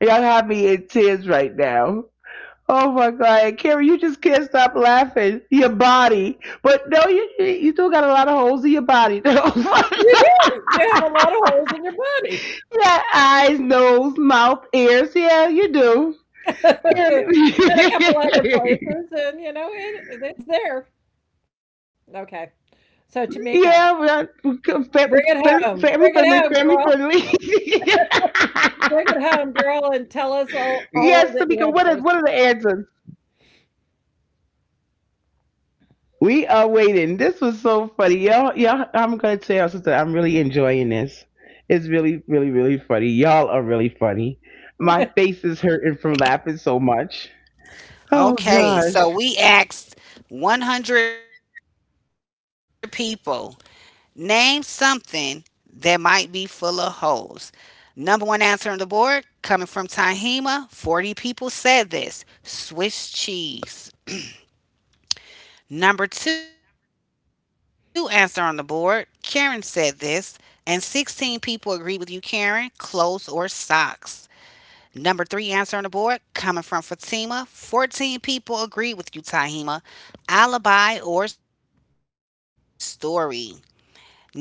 Speaker 2: Y'all have me in tears right now. Oh my god, Carrie, you just can't stop laughing. Your body, but no, you still got a lot of holes in your body.
Speaker 3: You
Speaker 2: Yeah,
Speaker 3: do. You have a lot of holes in your body.
Speaker 2: eyes, nose, mouth, ears. Yeah, you do. Yeah.
Speaker 3: And a couple other places, and it's there.
Speaker 2: Yeah, we are
Speaker 3: Okay. So
Speaker 2: family,
Speaker 3: Tamika,
Speaker 2: family friendly, family friendly.
Speaker 3: bring it home. Bring it home, girl. Bring it
Speaker 2: Yes,
Speaker 3: home,
Speaker 2: Tamika,
Speaker 3: girl,
Speaker 2: what are
Speaker 3: and
Speaker 2: what
Speaker 3: tell
Speaker 2: are the
Speaker 3: us all,
Speaker 2: answers?
Speaker 3: all of the answers.
Speaker 2: We are waiting. This was so funny, y'all. Y'all, I'm gonna tell y'all something. I'm really enjoying this. It's really funny. Y'all are really funny. My face is hurting from laughing so much. Oh gosh.
Speaker 1: Okay, so we asked 100 people, name something that might be full of holes. Number one answer on the board, coming from Tahima, 40 people said this: Swiss cheese. Number two answer on the board, Karen said this, and 16 people agree with you, Karen: clothes or socks. Number three answer on the board, coming from Fatima, 14 people agree with you, Tahima: alibi or story. Number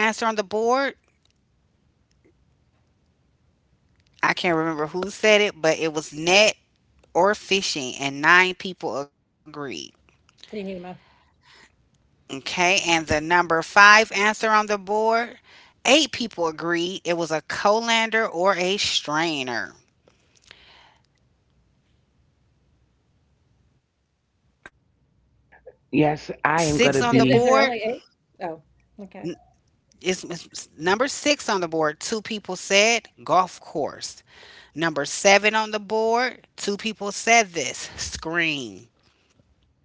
Speaker 1: number four answer on the board, I can't remember who said it, but it was net or fishing, and nine people
Speaker 3: Tahima.
Speaker 1: agreed. Okay, and the number five answer on the board, eight people agreed it was a colander or a strainer. Six
Speaker 2: Yes,
Speaker 3: Is,
Speaker 1: on the
Speaker 2: I
Speaker 3: is
Speaker 2: am
Speaker 3: is
Speaker 2: gonna
Speaker 1: board,
Speaker 3: there
Speaker 2: be.
Speaker 3: only eight? Oh, okay.
Speaker 1: n- number six on the board, two people said golf course. Number seven on the board, two people said this: screen.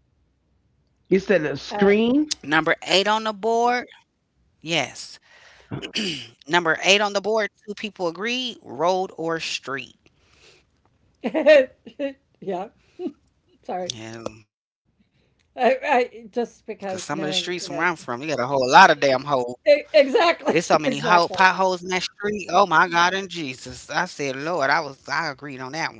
Speaker 2: You said a
Speaker 1: Number
Speaker 3: Oh.
Speaker 1: eight on the
Speaker 2: screen.
Speaker 1: board, yes. Number eight on the board, two people agreed: road or street.
Speaker 3: Yeah. Sorry.
Speaker 1: Yeah, cause
Speaker 3: I
Speaker 1: some of the
Speaker 3: I
Speaker 1: streets from where I'm
Speaker 3: just
Speaker 1: from, you got
Speaker 3: because
Speaker 1: a whole lot
Speaker 3: knowing,
Speaker 1: of
Speaker 3: you know.
Speaker 1: damn holes. There's so many
Speaker 3: E
Speaker 1: hole
Speaker 3: exactly,
Speaker 1: potholes in that
Speaker 3: exactly.
Speaker 1: street. Oh my God and Jesus, I said, Lord, I agreed on that one.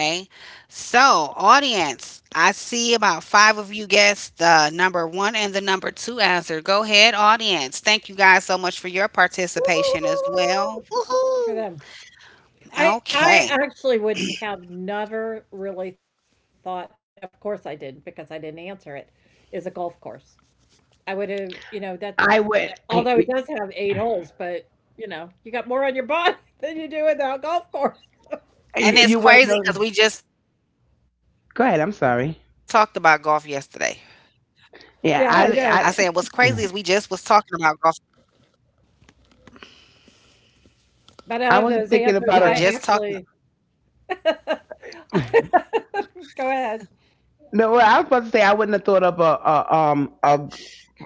Speaker 1: Okay. So, audience, I see about five of you guessed the number one and the number two answer. Go ahead, audience. Thank you guys so
Speaker 3: "Woo,
Speaker 1: much for
Speaker 3: woo, woo,
Speaker 1: your
Speaker 3: woo, woo, woo,"
Speaker 1: participation as
Speaker 3: for them.
Speaker 1: well. Woohoo!
Speaker 3: I actually wouldn't
Speaker 1: Okay.
Speaker 3: have never really thought. Of course I didn't, because I didn't answer it, is a golf course. I would've, that
Speaker 2: I
Speaker 3: although it
Speaker 2: went.
Speaker 3: does
Speaker 2: I,
Speaker 3: have 8 holes, but, you got more on your body than you do in a golf course.
Speaker 2: you
Speaker 3: So,
Speaker 2: you went.
Speaker 1: And it's crazy because we just talked
Speaker 2: Go
Speaker 1: about
Speaker 2: ahead. I'm
Speaker 1: golf
Speaker 2: sorry.
Speaker 1: yesterday. I said, what's
Speaker 2: Yeah,
Speaker 3: yeah, I
Speaker 1: crazy is we
Speaker 3: know.
Speaker 2: I,
Speaker 1: just was
Speaker 2: Yeah.
Speaker 1: talking about golf.
Speaker 3: But
Speaker 2: I
Speaker 3: out of
Speaker 2: wasn't
Speaker 3: those
Speaker 1: We
Speaker 2: thinking
Speaker 1: were
Speaker 3: answers,
Speaker 2: about
Speaker 1: just
Speaker 3: I
Speaker 2: a.
Speaker 1: talking.
Speaker 3: actually. Go ahead.
Speaker 2: No, well, I was about to say I wouldn't have thought of a.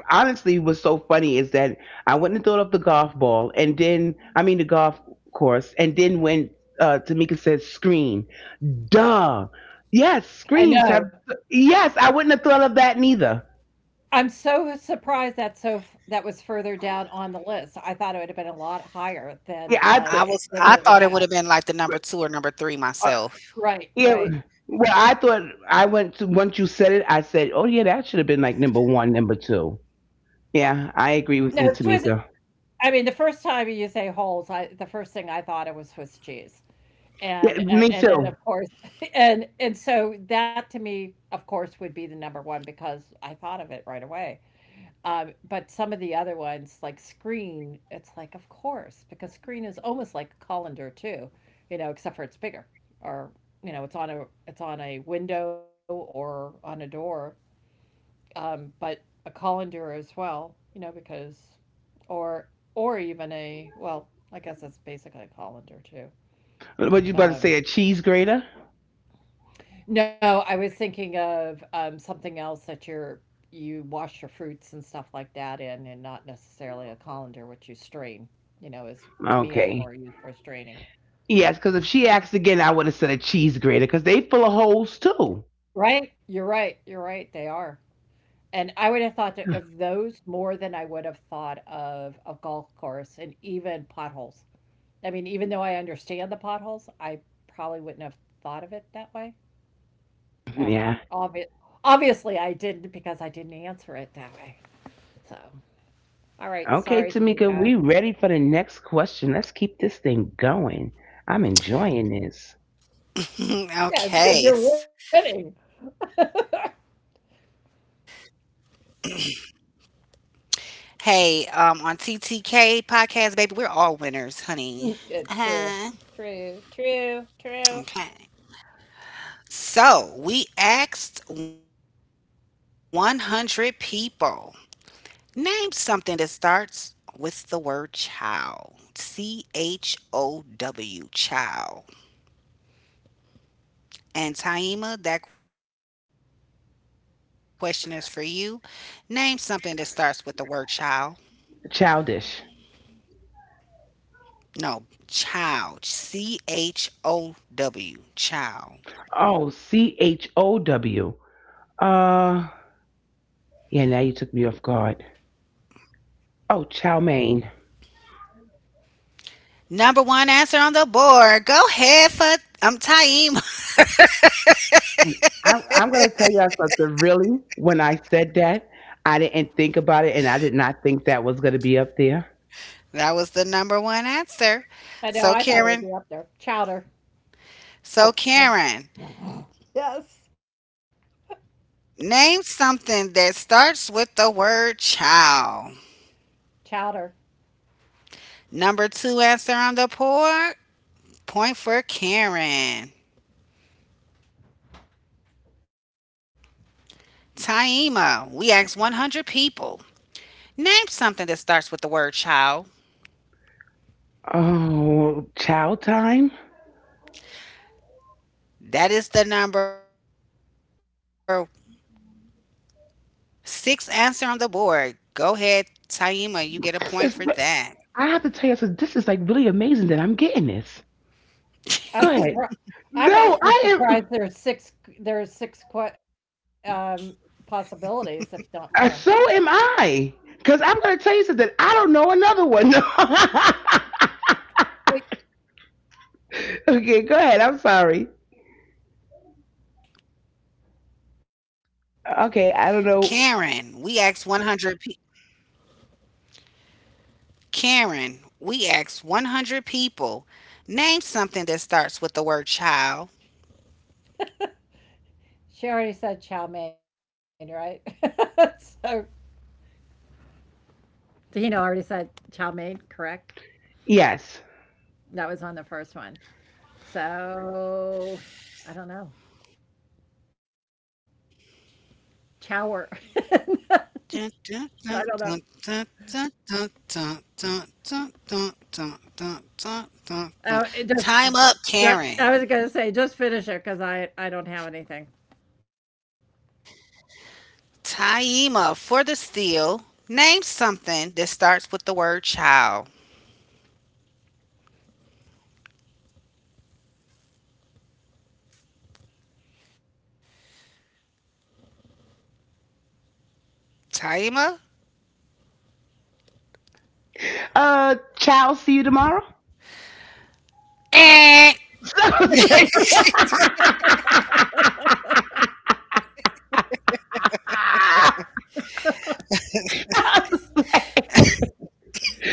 Speaker 2: Honestly, what's so funny is that I wouldn't have thought of the golf ball, and then I mean the golf course, and then when Tamika said screen, duh, yes,
Speaker 3: I
Speaker 2: screens have.
Speaker 3: know.
Speaker 2: Yes, I wouldn't have thought of that neither.
Speaker 3: I'm so surprised that so f that was further down on the list. I thought it would have been a lot higher
Speaker 2: Yeah,
Speaker 3: than,
Speaker 2: I. Th-
Speaker 3: um, than where it
Speaker 1: I
Speaker 3: was
Speaker 1: was
Speaker 3: at.
Speaker 1: I thought it would have been like the number 2 or
Speaker 2: uh,
Speaker 1: number 3
Speaker 3: Right,
Speaker 2: yeah,
Speaker 1: myself.
Speaker 3: right.
Speaker 2: well, I went to, once you said it, I said, oh yeah, that should have been like number one, number two. Yeah, I agree
Speaker 1: Mhm.
Speaker 2: with
Speaker 3: No,
Speaker 2: you,
Speaker 3: Swiss
Speaker 2: Tamika.
Speaker 3: I mean, the first time you say holes, I the first thing I thought it was Swiss cheese.
Speaker 2: Yeah,
Speaker 3: And, uh,
Speaker 2: me
Speaker 3: and then,
Speaker 2: too.
Speaker 3: of course, and so that to me, of course, would be the number 1 because I thought of it right away. But some of the other ones, like Screen, it's like, of course, because Screen is almost like a colander too, except for it's bigger, or it's on a window or on a door, but a colander as well, because, or or even a well, I guess that's basically a colander too.
Speaker 2: What you about to say?
Speaker 3: Um,
Speaker 2: A cheese grater?
Speaker 3: No, I was thinking of something else that you wash your fruits and stuff like that in, and not necessarily a colander, which you strain. Is to me is
Speaker 2: Okay.
Speaker 3: more used for straining.
Speaker 2: Yes, because if she asked again, I would have said a cheese grater because they full of holes too.
Speaker 3: Right? You're right. You're right. They are. And I would have thought of those more than I would have thought of a golf course and even potholes. I mean, even though I understand the potholes, I probably wouldn't have thought of it that way.
Speaker 2: Yeah.
Speaker 3: Um, obvi- Obviously, I didn't because I didn't answer it that way. So. All right, sorry,
Speaker 2: Okay, Tamika,
Speaker 3: Tamika.
Speaker 2: we ready for the next question. Let's keep this thing going. I'm enjoying this.
Speaker 3: Yes, because you're
Speaker 1: Okay.
Speaker 3: winning.
Speaker 1: Hey, on TTK podcast, baby, we're all winners, honey. Uh-huh.
Speaker 3: Mm, yeah, true, true, true,
Speaker 1: Okay.
Speaker 3: true.
Speaker 1: So we asked 100 people, name something that starts with the word "chow." C H O W, C H O W, chow. And Taima, that question is for you. Name something that starts with the word child.
Speaker 2: Childish.
Speaker 1: No, child. C H O W. Child.
Speaker 2: Oh, chow. Uh, yeah. Now you took me off guard. Oh, chow mein.
Speaker 1: Number one answer on the board. Go ahead for I'm Taima.
Speaker 2: I'm going to tell y'all something. Really, when I said that, I didn't think about it, and I did not think that was going to be up there.
Speaker 1: That was the number one answer.
Speaker 3: I know.
Speaker 1: So
Speaker 3: I thought it would
Speaker 1: Karen.
Speaker 3: be up there. Chowder.
Speaker 1: So
Speaker 3: Oh,
Speaker 1: Karen. Name
Speaker 3: yes,
Speaker 1: something that starts with the word child.
Speaker 3: chowder.
Speaker 1: Number two answer on the board. Point for Karen. Taima, we asked 100 people. Name something that starts with the word child.
Speaker 2: Oh, child time.
Speaker 1: That is the number six answer on the board. Go ahead, Taima. You get a point for
Speaker 2: This is.
Speaker 1: that.
Speaker 2: re- I have to tell you something. This is like really amazing that I'm getting this. Go
Speaker 3: I'm
Speaker 2: ahead.
Speaker 3: surprised. I'm
Speaker 2: No,
Speaker 3: actually
Speaker 2: I am.
Speaker 3: surprised there's six. There's six possibilities, if not more.
Speaker 2: So am I. Because I'm going to tell you something. I don't know another one.
Speaker 3: Wait,
Speaker 2: Okay, go ahead. I'm sorry.
Speaker 1: Karen, we asked
Speaker 2: Okay, I
Speaker 1: 100
Speaker 2: don't
Speaker 1: pe-
Speaker 2: know.
Speaker 1: Karen, we asked 100 people. Name something that starts with the word child.
Speaker 3: she already said chow mein, right? so Tahina already said chow mein, correct?
Speaker 2: Yes.
Speaker 3: That was on the first one. So I don't know. Chower.
Speaker 1: Dun, dun, dun, dun,
Speaker 3: I don't
Speaker 1: dun,
Speaker 3: know.
Speaker 1: dun, dun, dun, dun, dun, dun, dun, dun, dun, dun, dun.
Speaker 3: Oh,
Speaker 1: Time
Speaker 3: it
Speaker 1: up,
Speaker 3: just.
Speaker 1: Karen.
Speaker 3: Ju I was gonna say, just finish it, cause I don't have anything.
Speaker 1: Taima for the steal. Name something that starts with the word child. Taima?
Speaker 2: Child, see you tomorrow.
Speaker 1: Eh.
Speaker 2: So say-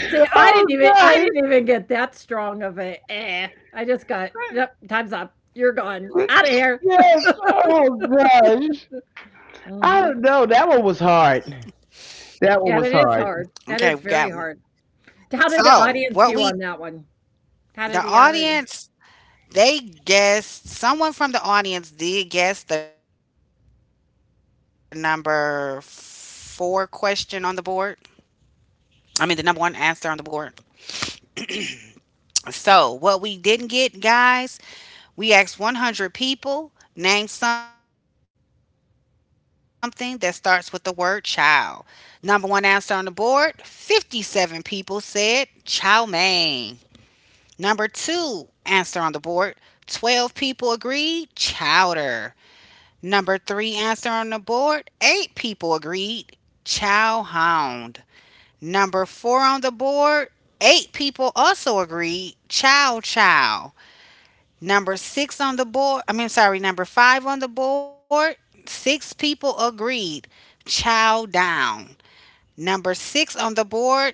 Speaker 3: See, I didn't
Speaker 2: oh,
Speaker 3: even I
Speaker 2: gosh.
Speaker 3: didn't even get that strong of a, "Eh." I just got, "Yep, time's up. You're gone. Out of here."
Speaker 2: Yes. Oh, gosh. I
Speaker 3: Mhm.
Speaker 2: don't know. That one was hard.
Speaker 1: Okay, we
Speaker 2: That
Speaker 3: Yeah,
Speaker 1: got
Speaker 2: one
Speaker 3: that
Speaker 2: was
Speaker 3: is
Speaker 2: hard.
Speaker 3: hard. That is very hard.
Speaker 1: so what
Speaker 3: How did the
Speaker 1: we
Speaker 3: audience do on that one?
Speaker 1: the
Speaker 3: How did the
Speaker 1: audience,
Speaker 3: audience?
Speaker 1: they guessed, someone from the audience did guess the number four question on the board. I mean, the number one answer on the board. So, what we didn't get, guys, we asked 100 people, name something that starts with the word child. Number one answer on the board, 57 people said chow mein. Number two answer on the board, 12 people agreed chowder. Number three answer on the board, 8 people agreed chow hound. Number four on the board, eight people also agreed Chow Chow. Number six on the board, I mean, sorry, number five on the board, six people agreed Chow Down. Number six on the board,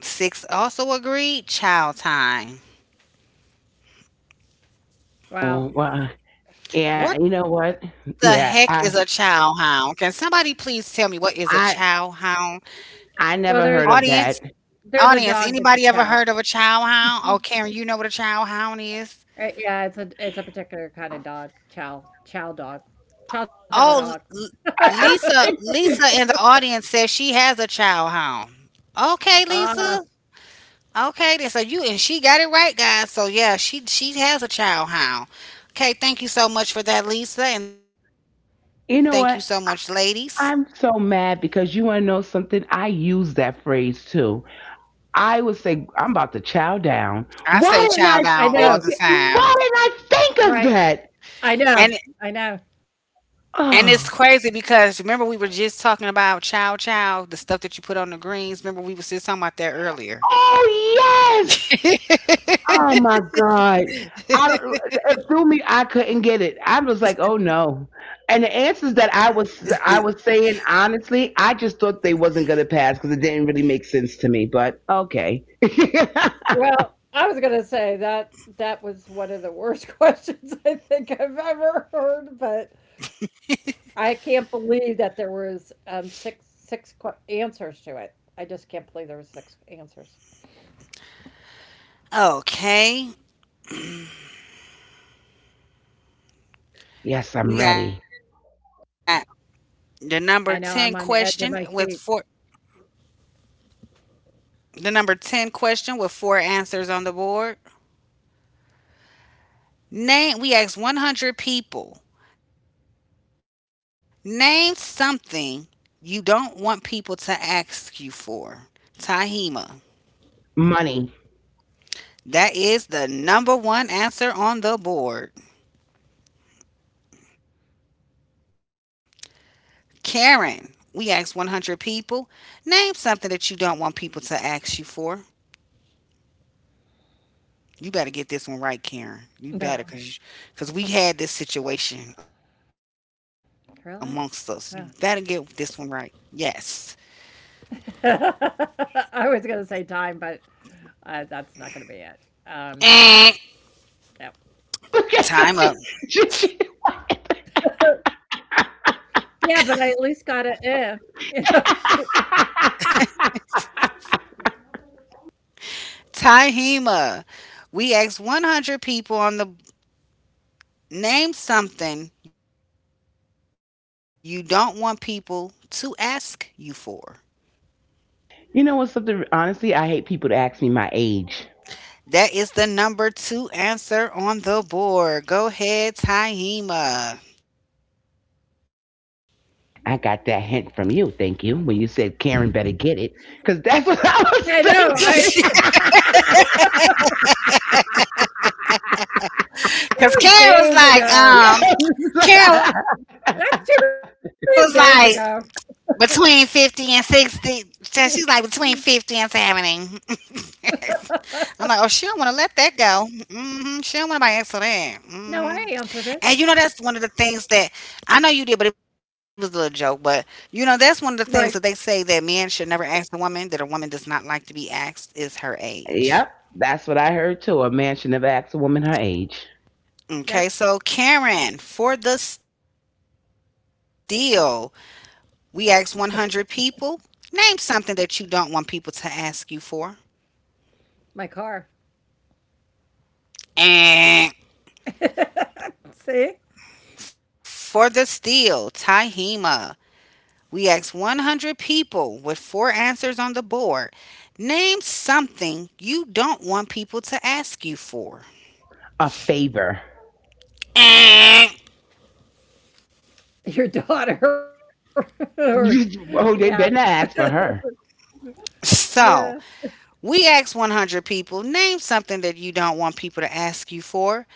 Speaker 1: six also agreed Chow Time.
Speaker 3: Wow.
Speaker 2: Oh, well,
Speaker 1: What
Speaker 2: yeah, you know
Speaker 1: the
Speaker 2: what?
Speaker 1: heck is a
Speaker 2: Yeah,
Speaker 1: chow
Speaker 2: I,
Speaker 1: hound? Can somebody please tell me what is a chow
Speaker 2: I,
Speaker 1: hound?
Speaker 2: I
Speaker 3: Well, there's
Speaker 2: never heard
Speaker 1: Audience,
Speaker 2: of that.
Speaker 3: there's a
Speaker 1: audience,
Speaker 3: dog that's a
Speaker 1: anybody ever
Speaker 3: chow.
Speaker 1: heard of a chow hound? Oh, Karen, you know what a chow hound is?
Speaker 3: Yeah, it's a particular kind of dog. Chow chow dog. Chow chow
Speaker 1: Oh,
Speaker 3: dog.
Speaker 2: I, think,
Speaker 1: Lisa in the audience says she has a child home. Okay,
Speaker 3: Ah,
Speaker 1: Lisa. Okay, then so you and she got it right, guys. So yeah, she has a child hound. Okay, thank you so much for that, Lisa, and thank you so much,
Speaker 2: you
Speaker 1: ladies.
Speaker 2: know what? I'm so mad because you want to know something? I use that phrase too. I would say, I'm about to chow down.
Speaker 1: I say
Speaker 2: Why didn't I
Speaker 1: child
Speaker 3: I
Speaker 1: down
Speaker 3: know.
Speaker 2: think,
Speaker 1: all the
Speaker 2: why
Speaker 1: time.
Speaker 2: didn't I think of
Speaker 3: Right.
Speaker 2: that?
Speaker 3: I know.
Speaker 1: And
Speaker 3: I know.
Speaker 1: and it's
Speaker 2: Oh,
Speaker 1: crazy because remember we were just talking about chow chow, the stuff that you put on the greens. Remember we was just talking about that earlier.
Speaker 2: oh yes. Oh my God. I don't, It threw me. I couldn't get it. I was like, "Oh no!" And the answers that I was saying honestly, I just thought they wasn't gonna pass because it didn't really make sense to me. But okay.
Speaker 3: Well, I was gonna say that that was one of the worst questions I think I've ever heard, but I can't believe that there was six answers to it. I just can't believe there was six answers.
Speaker 1: Okay.
Speaker 2: Yes, I'm
Speaker 1: We got
Speaker 2: ready.
Speaker 1: The number 10
Speaker 3: I know
Speaker 1: question
Speaker 3: I'm on the
Speaker 1: with
Speaker 3: edge of
Speaker 1: four
Speaker 3: my seat.
Speaker 1: The number 10 question with four answers on the board. Name we asked 100 people. Name something you don't want people to ask you for. Tahima.
Speaker 2: Money.
Speaker 1: That is the number one answer on the board. Karen, we asked 100 people. Name something that you don't want people to ask you for. You better get this one right, Karen. You better,
Speaker 3: No,
Speaker 1: cause, cause we had this situation amongst us. You better
Speaker 3: really?
Speaker 1: get this one
Speaker 3: Huh.
Speaker 1: right. Yes.
Speaker 3: I was gonna say time, but that's not gonna be it. Um,
Speaker 1: Eh.
Speaker 3: yep.
Speaker 2: Look at so
Speaker 1: Time up.
Speaker 2: she-
Speaker 3: Yeah, but I at least got it. "Eh." You know?
Speaker 1: Tahima. We asked 100 people on the, name something you don't want people to ask you for.
Speaker 2: You know what's something? Honestly, I hate people to ask me my age.
Speaker 1: That is the number two answer on the board. Go ahead, Tahima.
Speaker 2: I got that hint from you, thank you, when you said Karen better get it, because that's what I was
Speaker 3: I know,
Speaker 2: thinking.
Speaker 3: I That
Speaker 1: Cause
Speaker 3: was days ago.
Speaker 2: Yes.
Speaker 1: Karen was like,
Speaker 3: That's too many days
Speaker 1: between
Speaker 3: ago.
Speaker 1: 50 and 60. So she's like between 50 and 70. I'm like, oh, she don't want to let that go. Hmm. She don't want nobody ask her that. Hmm. And
Speaker 3: No,
Speaker 1: you know,
Speaker 3: I
Speaker 1: that's
Speaker 3: answered
Speaker 1: one of the
Speaker 3: it.
Speaker 1: things that, I know you did, but it was a little joke. But you know, that's one of the things that they say, that
Speaker 3: Right.
Speaker 1: men should never ask a woman, that a woman does not like to be asked, is her age.
Speaker 2: Yep, that's what I heard too. A man should never ask a woman her age.
Speaker 3: Yep,
Speaker 1: Okay, so Karen, for the steal, we asked 100 people. Name something that you don't want people to ask you for.
Speaker 3: my car.
Speaker 1: And
Speaker 3: See?
Speaker 1: for the steal, Tahima, we asked 100 people with four answers on the board. Name something you don't want people to ask you for.
Speaker 2: A favor.
Speaker 3: Your daughter or yeah.
Speaker 2: Oh, they better not ask for her.
Speaker 3: Nah,
Speaker 1: So, we asked 100 people, name something that you don't want people to ask you for.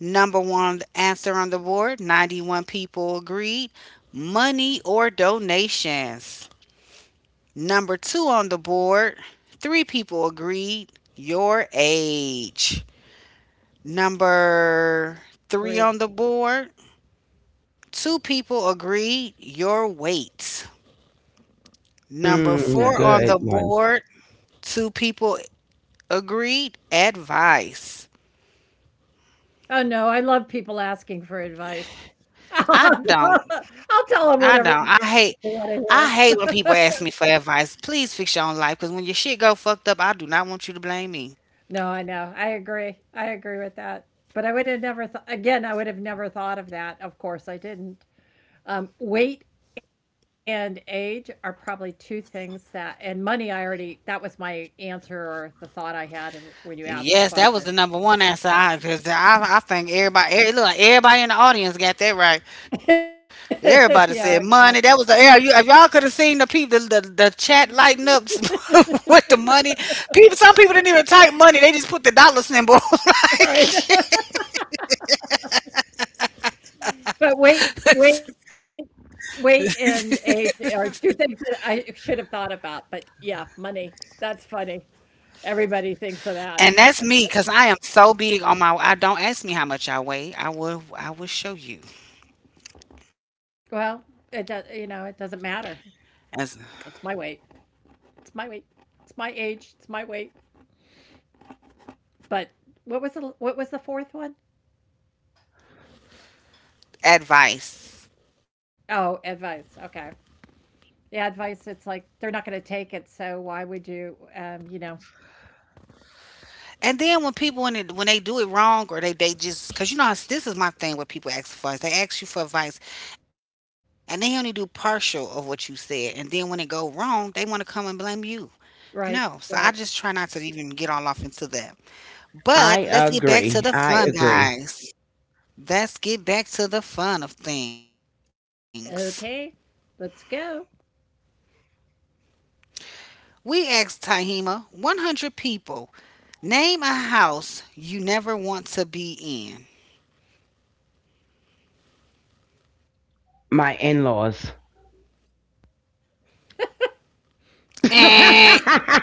Speaker 1: Number one answer on the board, 91 people agreed money or donations. Number two on the board, three people agreed your age. Number three
Speaker 3: 3.
Speaker 1: on the board, two people agreed your weight.
Speaker 3: Yeah.
Speaker 1: Number
Speaker 2: Mm,
Speaker 1: four on
Speaker 2: good
Speaker 1: the
Speaker 2: one.
Speaker 1: board, two people agreed advice.
Speaker 3: Oh, no, I love people asking for advice. I'll
Speaker 1: I don't.
Speaker 3: tell them
Speaker 1: I
Speaker 3: whatever
Speaker 1: don't.
Speaker 3: they
Speaker 1: I
Speaker 3: wanna
Speaker 1: hate.
Speaker 3: hear.
Speaker 1: I hate when people ask me for advice. Please fix your own life, because when your shit go fucked up, I do not want you to blame me.
Speaker 3: No, I know. I agree. I agree with that. But I would have never thought, again, I would have never thought of that. Of course, I didn't. Weight and age are probably 2 things that, and money, I already, that was my answer or the thought I had when you asked the
Speaker 1: Yes,
Speaker 3: question.
Speaker 1: that was the number one answer. I because I think everybody, everybody in the audience got that right.
Speaker 3: Yeah,
Speaker 1: Everybody
Speaker 3: exactly.
Speaker 1: said money. That was the air. You, if y'all could have seen the people, the chat lighting up with the money. People, some people didn't even type money. They just put the dollar symbol.
Speaker 3: All right. But weight weight weight and age are 2 things that I should have thought about, but yeah, money. That's funny. Everybody thinks of that. It's
Speaker 1: And
Speaker 3: like,
Speaker 1: that's
Speaker 3: "Nope."
Speaker 1: me because I am so big on my. I don't, ask me how much I weigh. I will show you.
Speaker 3: Well, it does, you know, it doesn't matter.
Speaker 1: As
Speaker 3: It's my weight. It's my weight. It's my age. It's my weight. But what was the fourth one?
Speaker 1: advice.
Speaker 3: Oh, advice. Okay. Yeah, advice. It's like they're not going to take it, so why would you, you know.
Speaker 1: And then when people, when it, when they do it wrong, or they just, because you know how, this is my thing, what people ask for, is they ask you for advice and they only do partial of what you said, and then when it go wrong they want to come and blame you. No,
Speaker 3: Right,
Speaker 1: so I just
Speaker 3: right.
Speaker 1: try not to even get all off into that.
Speaker 2: I
Speaker 1: But let's get back
Speaker 2: agree.
Speaker 1: to the
Speaker 2: I
Speaker 1: fun,
Speaker 2: agree.
Speaker 1: guys. Let's get back to the fun of things.
Speaker 3: Okay. Let's go.
Speaker 1: We asked Tahima, 100 people, name a house you never want to be in.
Speaker 2: My in laws.
Speaker 1: Eh.
Speaker 2: I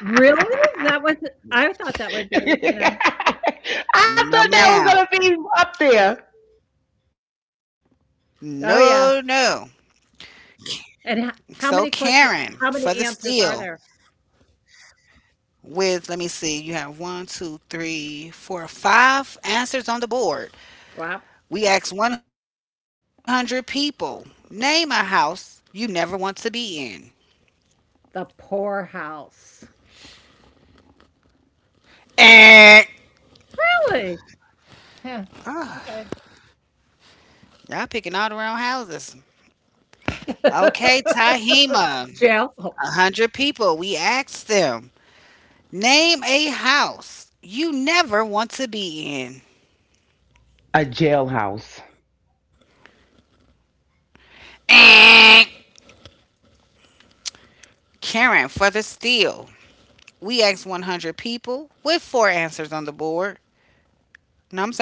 Speaker 3: Really? That was, I thought that would be, you know.
Speaker 2: thought that was gonna
Speaker 1: No,
Speaker 2: be up
Speaker 1: ma'am.
Speaker 2: there.
Speaker 3: Oh
Speaker 1: No,
Speaker 3: yeah.
Speaker 1: no. So
Speaker 3: And how
Speaker 1: Karen
Speaker 3: many
Speaker 1: for the
Speaker 3: questions? How
Speaker 1: steal,
Speaker 3: many answers are there?
Speaker 1: with, let me see, you have one, two, three, four, five answers on the board.
Speaker 3: Wow.
Speaker 1: We asked 100 people, name a house you never want to be in.
Speaker 3: The poor house.
Speaker 1: Eh.
Speaker 3: Really? Yeah. Okay.
Speaker 1: Y'all picking all the wrong houses. Okay, Tahima.
Speaker 3: Jail. Oh,
Speaker 1: A hundred people, we asked them, name a house you never want to be in.
Speaker 2: A jailhouse.
Speaker 1: Eh. Karen for the steal. We asked 100 people with four answers on the board.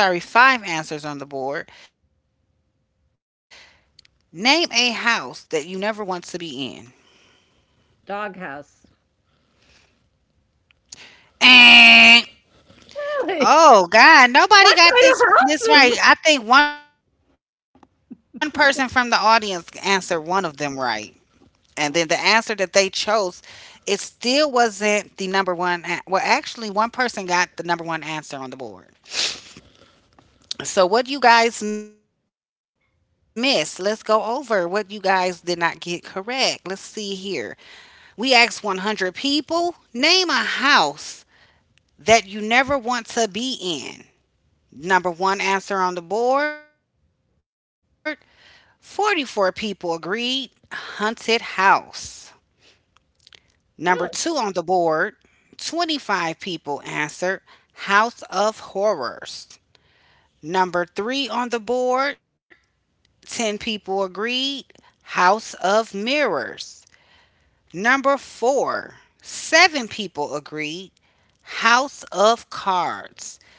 Speaker 1: No, I'm sorry, five answers on the board. Name a house that you never want to be in.
Speaker 3: doghouse.
Speaker 1: And
Speaker 3: Really?
Speaker 1: oh God,
Speaker 3: What
Speaker 1: nobody got
Speaker 3: kind of
Speaker 1: this
Speaker 3: houses?
Speaker 1: right. I think one person from the audience answered one of them right, and then the answer that they chose, it still wasn't the number one. Well, actually, one person got the number one answer on the board. So, what you guys missed? Let's go over what you guys did not get correct. Let's see here. We asked 100 people, name a house that you never want to be in. Number one answer on the board, 44 people agreed haunted house. Number two
Speaker 3: Really?
Speaker 1: on the board, 25 people answered house of horrors. Number three on the board, 10 people agreed House of Mirrors. Number four, seven people agreed House of Cards.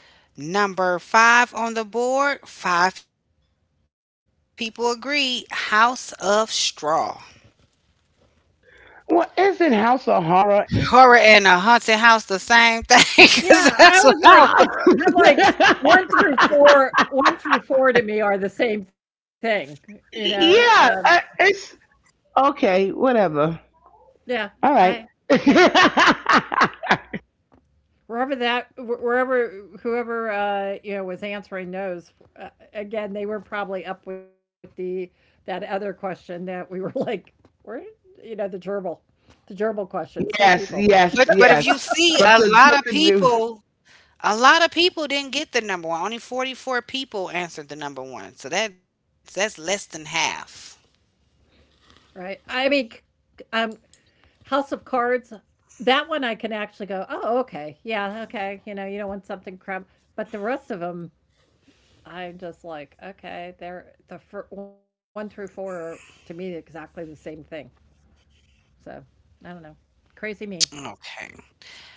Speaker 1: Number five on the board, five people agreed House of Straw.
Speaker 2: Well, isn't House of Horror and
Speaker 1: Horror
Speaker 2: Haunted
Speaker 1: and a
Speaker 2: House the
Speaker 1: haunted
Speaker 2: same
Speaker 1: house, the
Speaker 2: thing?
Speaker 1: same thing,
Speaker 3: Yeah,
Speaker 1: because
Speaker 3: I
Speaker 1: that's what
Speaker 3: was
Speaker 1: I
Speaker 3: like,
Speaker 2: Ah.
Speaker 1: was.
Speaker 3: I'm like, One through four to me are the same thing. You know.
Speaker 2: Yeah, it's okay. Whatever.
Speaker 3: Yeah.
Speaker 2: All
Speaker 3: I.
Speaker 2: right.
Speaker 3: Yeah.
Speaker 2: yes,
Speaker 3: wherever that wherever whoever, you know, was answering those, uh, again, they were probably up with the, that other question that we were, like, where, you know, the gerbil question, same people.
Speaker 1: But if you
Speaker 2: yes.
Speaker 1: see, a lot of
Speaker 2: Something new.
Speaker 1: people, a lot of people didn't get the number one. Only 44 people answered the number one. So that's less than half.
Speaker 3: Right. I mean, house of cards, that one I can actually go, oh, okay, yeah, okay, you know, you don't want something crumb, but the rest of them, I'm just like, okay, they're the one through four are to me exactly the same thing. So, I don't know. Crazy me.
Speaker 1: Okay.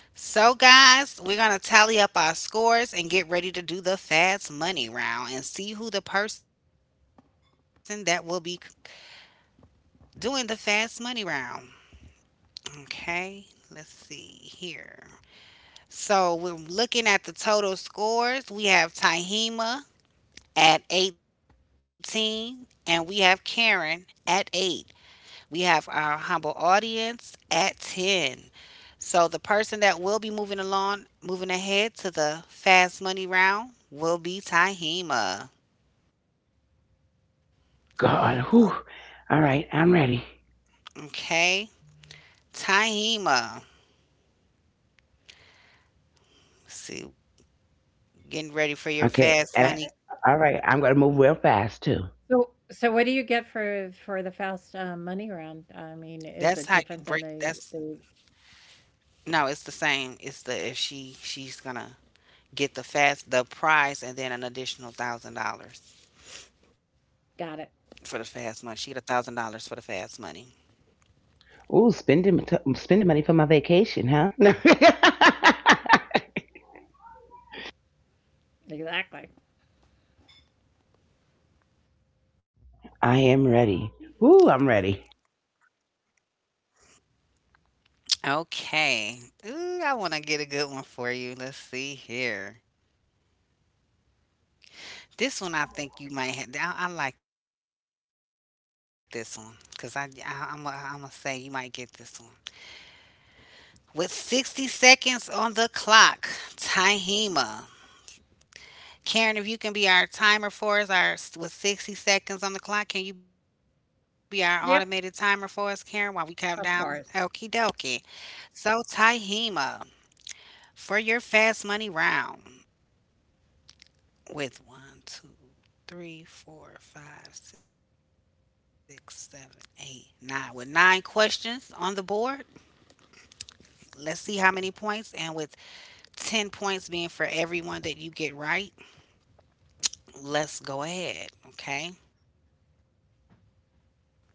Speaker 1: So, guys, we're going to tally up our scores and get ready to do the fast money round and see who the person that will be doing the fast money round. Okay, let's see here. So, we're looking at the total scores. We have Tahima at 18, and we have Karen at 8. We have our humble audience at 10. So the person that will be moving along, moving ahead to the fast money round will be Tahima.
Speaker 2: God. Whew. All right, I'm ready.
Speaker 1: Okay, Tahima. See, getting ready for your
Speaker 2: Okay,
Speaker 1: fast money.
Speaker 2: all right, I'm gonna move real fast too.
Speaker 3: So, so what do you get for the Faust money round?
Speaker 1: That's how
Speaker 3: I
Speaker 1: you
Speaker 3: mean,
Speaker 1: break.
Speaker 3: is it
Speaker 1: That's
Speaker 3: different than the
Speaker 1: no, it's the same. It's the if she's gonna get the fast the prize and then an additional $1,000 for the fast money.
Speaker 3: got
Speaker 1: She get
Speaker 3: it.
Speaker 1: a $1,000 for the fast money.
Speaker 2: Ooh, spending money for my vacation, huh?
Speaker 3: Exactly.
Speaker 2: I am ready. Ooh, I'm ready.
Speaker 1: Okay. Ooh, I want to get a good one for you. Let's see here. This one I think you might have. I like this one because I I'm I am I gonna say you might get this one. With 60 seconds on the clock, Tahima. Karen, if you can be our timer for us, our with 60 seconds on the clock, can you be our automated timer for us, Karen, while we
Speaker 3: Yep,
Speaker 1: count down? Okie dokie.
Speaker 3: of course.
Speaker 1: So, Tahima, for your fast money round. With one, two, three, four, five, six, seven, eight, nine. With nine questions on the board, let's see how many points. And with 10 points being for everyone that you get right, let's go ahead. Okay.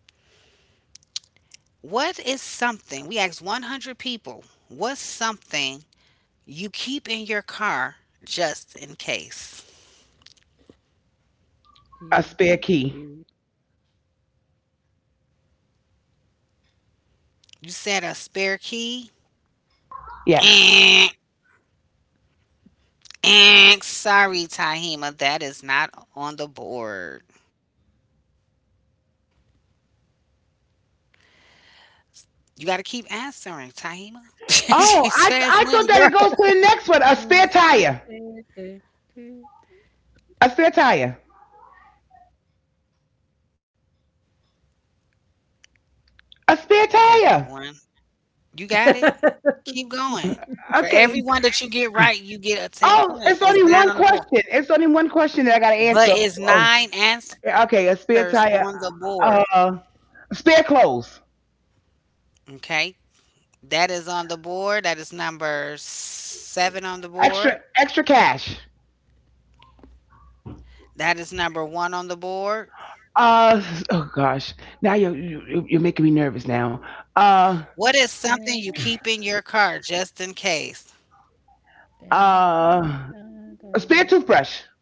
Speaker 1: What is something? We asked 100 people, what's something you keep in your car just in case?
Speaker 2: A
Speaker 3: Do,
Speaker 2: spare
Speaker 3: do,
Speaker 2: key.
Speaker 3: do,
Speaker 1: You said a spare key. Eh.
Speaker 2: Yes.
Speaker 1: Eh, sorry, Tahima, that is not on the board. You got to keep answering, Tahima. She's fast
Speaker 2: Oh,
Speaker 1: money, girl.
Speaker 2: I thought that it goes to the next one. A spare
Speaker 3: do, do,
Speaker 2: tire.
Speaker 3: do, do, do.
Speaker 2: A spare tire.
Speaker 1: You got
Speaker 2: A spare
Speaker 1: one.
Speaker 2: tire.
Speaker 1: You got it. Keep going. For every
Speaker 2: Okay.
Speaker 1: one that you get right, you get a 10
Speaker 2: Oh,
Speaker 1: points.
Speaker 2: it's
Speaker 1: It's
Speaker 2: only
Speaker 1: nine
Speaker 2: one
Speaker 1: on the
Speaker 2: question.
Speaker 1: board.
Speaker 2: It's only one question that I gotta
Speaker 1: But
Speaker 2: answer.
Speaker 1: it's
Speaker 2: Oh,
Speaker 1: nine answers
Speaker 2: okay. A
Speaker 1: on the
Speaker 2: spare
Speaker 1: board.
Speaker 2: tire. Uh, spare clothes.
Speaker 1: Okay. That is on the board. That is number seven on the board.
Speaker 2: Extra cash.
Speaker 1: That is number one on the board.
Speaker 2: Uh, oh gosh. Now you're making me nervous now.
Speaker 1: What is
Speaker 2: Uh,
Speaker 1: something you keep in your car just in case?
Speaker 2: uh, a spare toothbrush.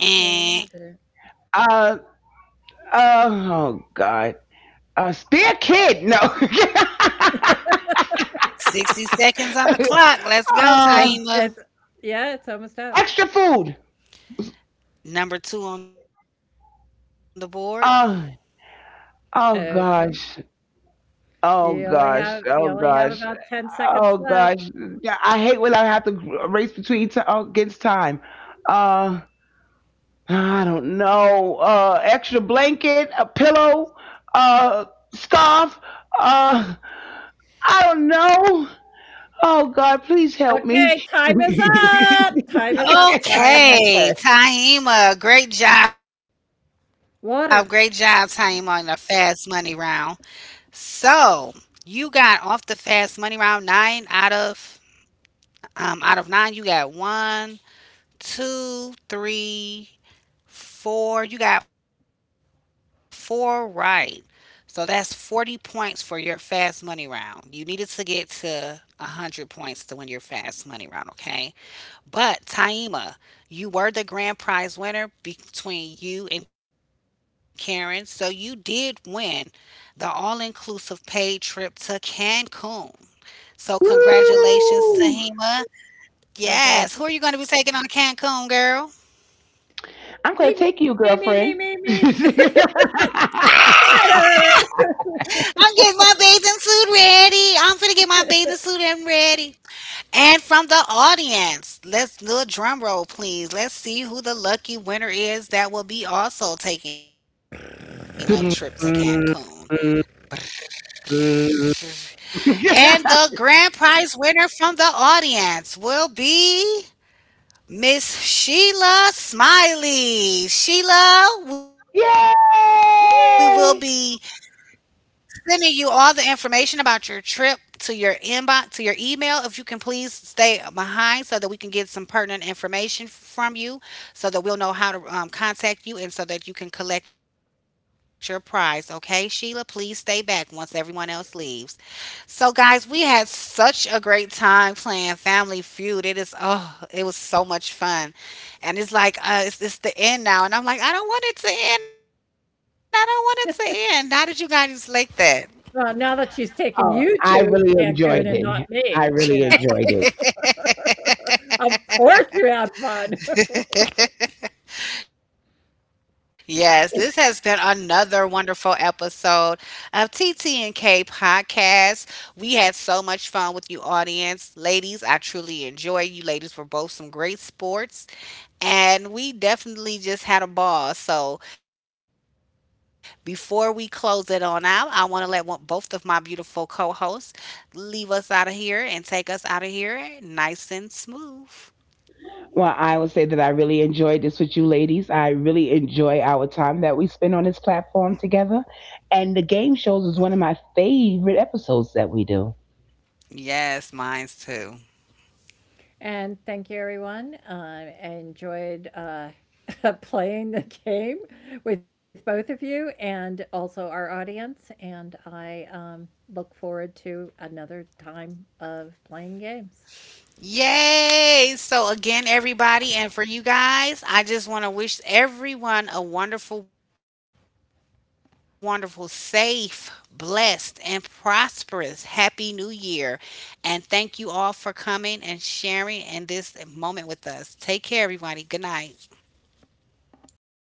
Speaker 1: And
Speaker 2: Uh, oh God. A spare kid. No.
Speaker 1: 60 seconds on the clock. Let's go,
Speaker 3: It's
Speaker 2: uh,
Speaker 3: it's
Speaker 1: Tahima.
Speaker 3: yeah, it's almost up.
Speaker 2: Extra food.
Speaker 1: Number two on the board.
Speaker 2: Uh, oh
Speaker 3: Okay.
Speaker 2: gosh.
Speaker 3: You
Speaker 2: Oh
Speaker 3: only have
Speaker 2: gosh.
Speaker 3: you
Speaker 2: Oh
Speaker 3: only have
Speaker 2: gosh.
Speaker 3: about 10 seconds
Speaker 2: Oh
Speaker 3: left.
Speaker 2: gosh. Yeah, I hate when I have to race against time. Uh, I don't know. Extra blanket, a pillow, uh, scarf. Uh, I don't know. Oh God, please help me.
Speaker 3: Okay, time is up. Time is up. Sorry.
Speaker 1: Okay, Tahima. Great job. Great job, Tahima, on
Speaker 3: Water.
Speaker 1: the fast money round. So you got off the fast money round nine out of nine. You got one, two, three, four. You got four right. So that's 40 points for your fast money round. You needed to get to 100 points to win your fast money round, okay? But Taima, you were the grand prize winner between you and Karen. So you did win the all inclusive paid trip to Cancun. So congratulations,
Speaker 2: Woo!
Speaker 1: Tahima.
Speaker 3: Congratulations.
Speaker 1: Yes. Who are you going to be taking on to Cancun, girl?
Speaker 2: I'm gonna
Speaker 3: Me, me,
Speaker 2: take
Speaker 3: me,
Speaker 2: you,
Speaker 3: me, me,
Speaker 2: girlfriend.
Speaker 3: me.
Speaker 2: Yay!
Speaker 3: Water.
Speaker 1: I'm getting my bathing suit ready. I'm finna get my bathing suit and ready. And from the audience, let's do a drum roll, please. Let's see who the lucky winner is that will be also taking a trip to Cancun. And the grand prize winner from the audience will be Miss Sheila Smiley. Sheila, we will
Speaker 3: Yeah.
Speaker 1: be sending you all the information about your trip to your inbox to your email if you can please stay behind so that we can get some pertinent information from you so that we'll know how to contact you and so that you can collect your prize, okay, Sheila? Please stay back once everyone else leaves. So guys, we had such a great time playing Family Feud. It is, oh, it was so much fun. And it's like, it's the end now. And I'm like, I don't want it to end. I don't want it to end. How did you guys like that?
Speaker 3: Well, now that she's taken
Speaker 2: Oh,
Speaker 3: you
Speaker 2: I
Speaker 3: to
Speaker 2: really
Speaker 3: Cancun
Speaker 2: enjoyed
Speaker 3: and not
Speaker 2: it. I
Speaker 3: me, you
Speaker 2: really
Speaker 3: know,
Speaker 2: enjoyed it.
Speaker 3: of course you had fun.
Speaker 1: Yes, this has been another wonderful episode of TTNK Podcast. We had so much fun with you, audience. Ladies, I truly enjoy you. Ladies were both some great sports. And we definitely just had a ball. So before we close it on out, I want to let one, both of my beautiful co-hosts leave us out of here and take us out of here nice and smooth.
Speaker 2: Well, I will say that I really enjoyed this with you ladies. I really enjoy our time that we spend on this platform together. And the game shows is one of my favorite episodes that we do.
Speaker 1: Yes, mine's too.
Speaker 3: and thank you, everyone. I enjoyed, playing the game with both of you and also our audience. And I, look forward to another time of playing games.
Speaker 1: Yay! So, again, everybody, and for you guys, I just want to wish everyone a wonderful, wonderful, safe, blessed, and prosperous Happy New Year. And thank you all for coming and sharing in this moment with us. Take care, everybody. Good night.
Speaker 3: Good night.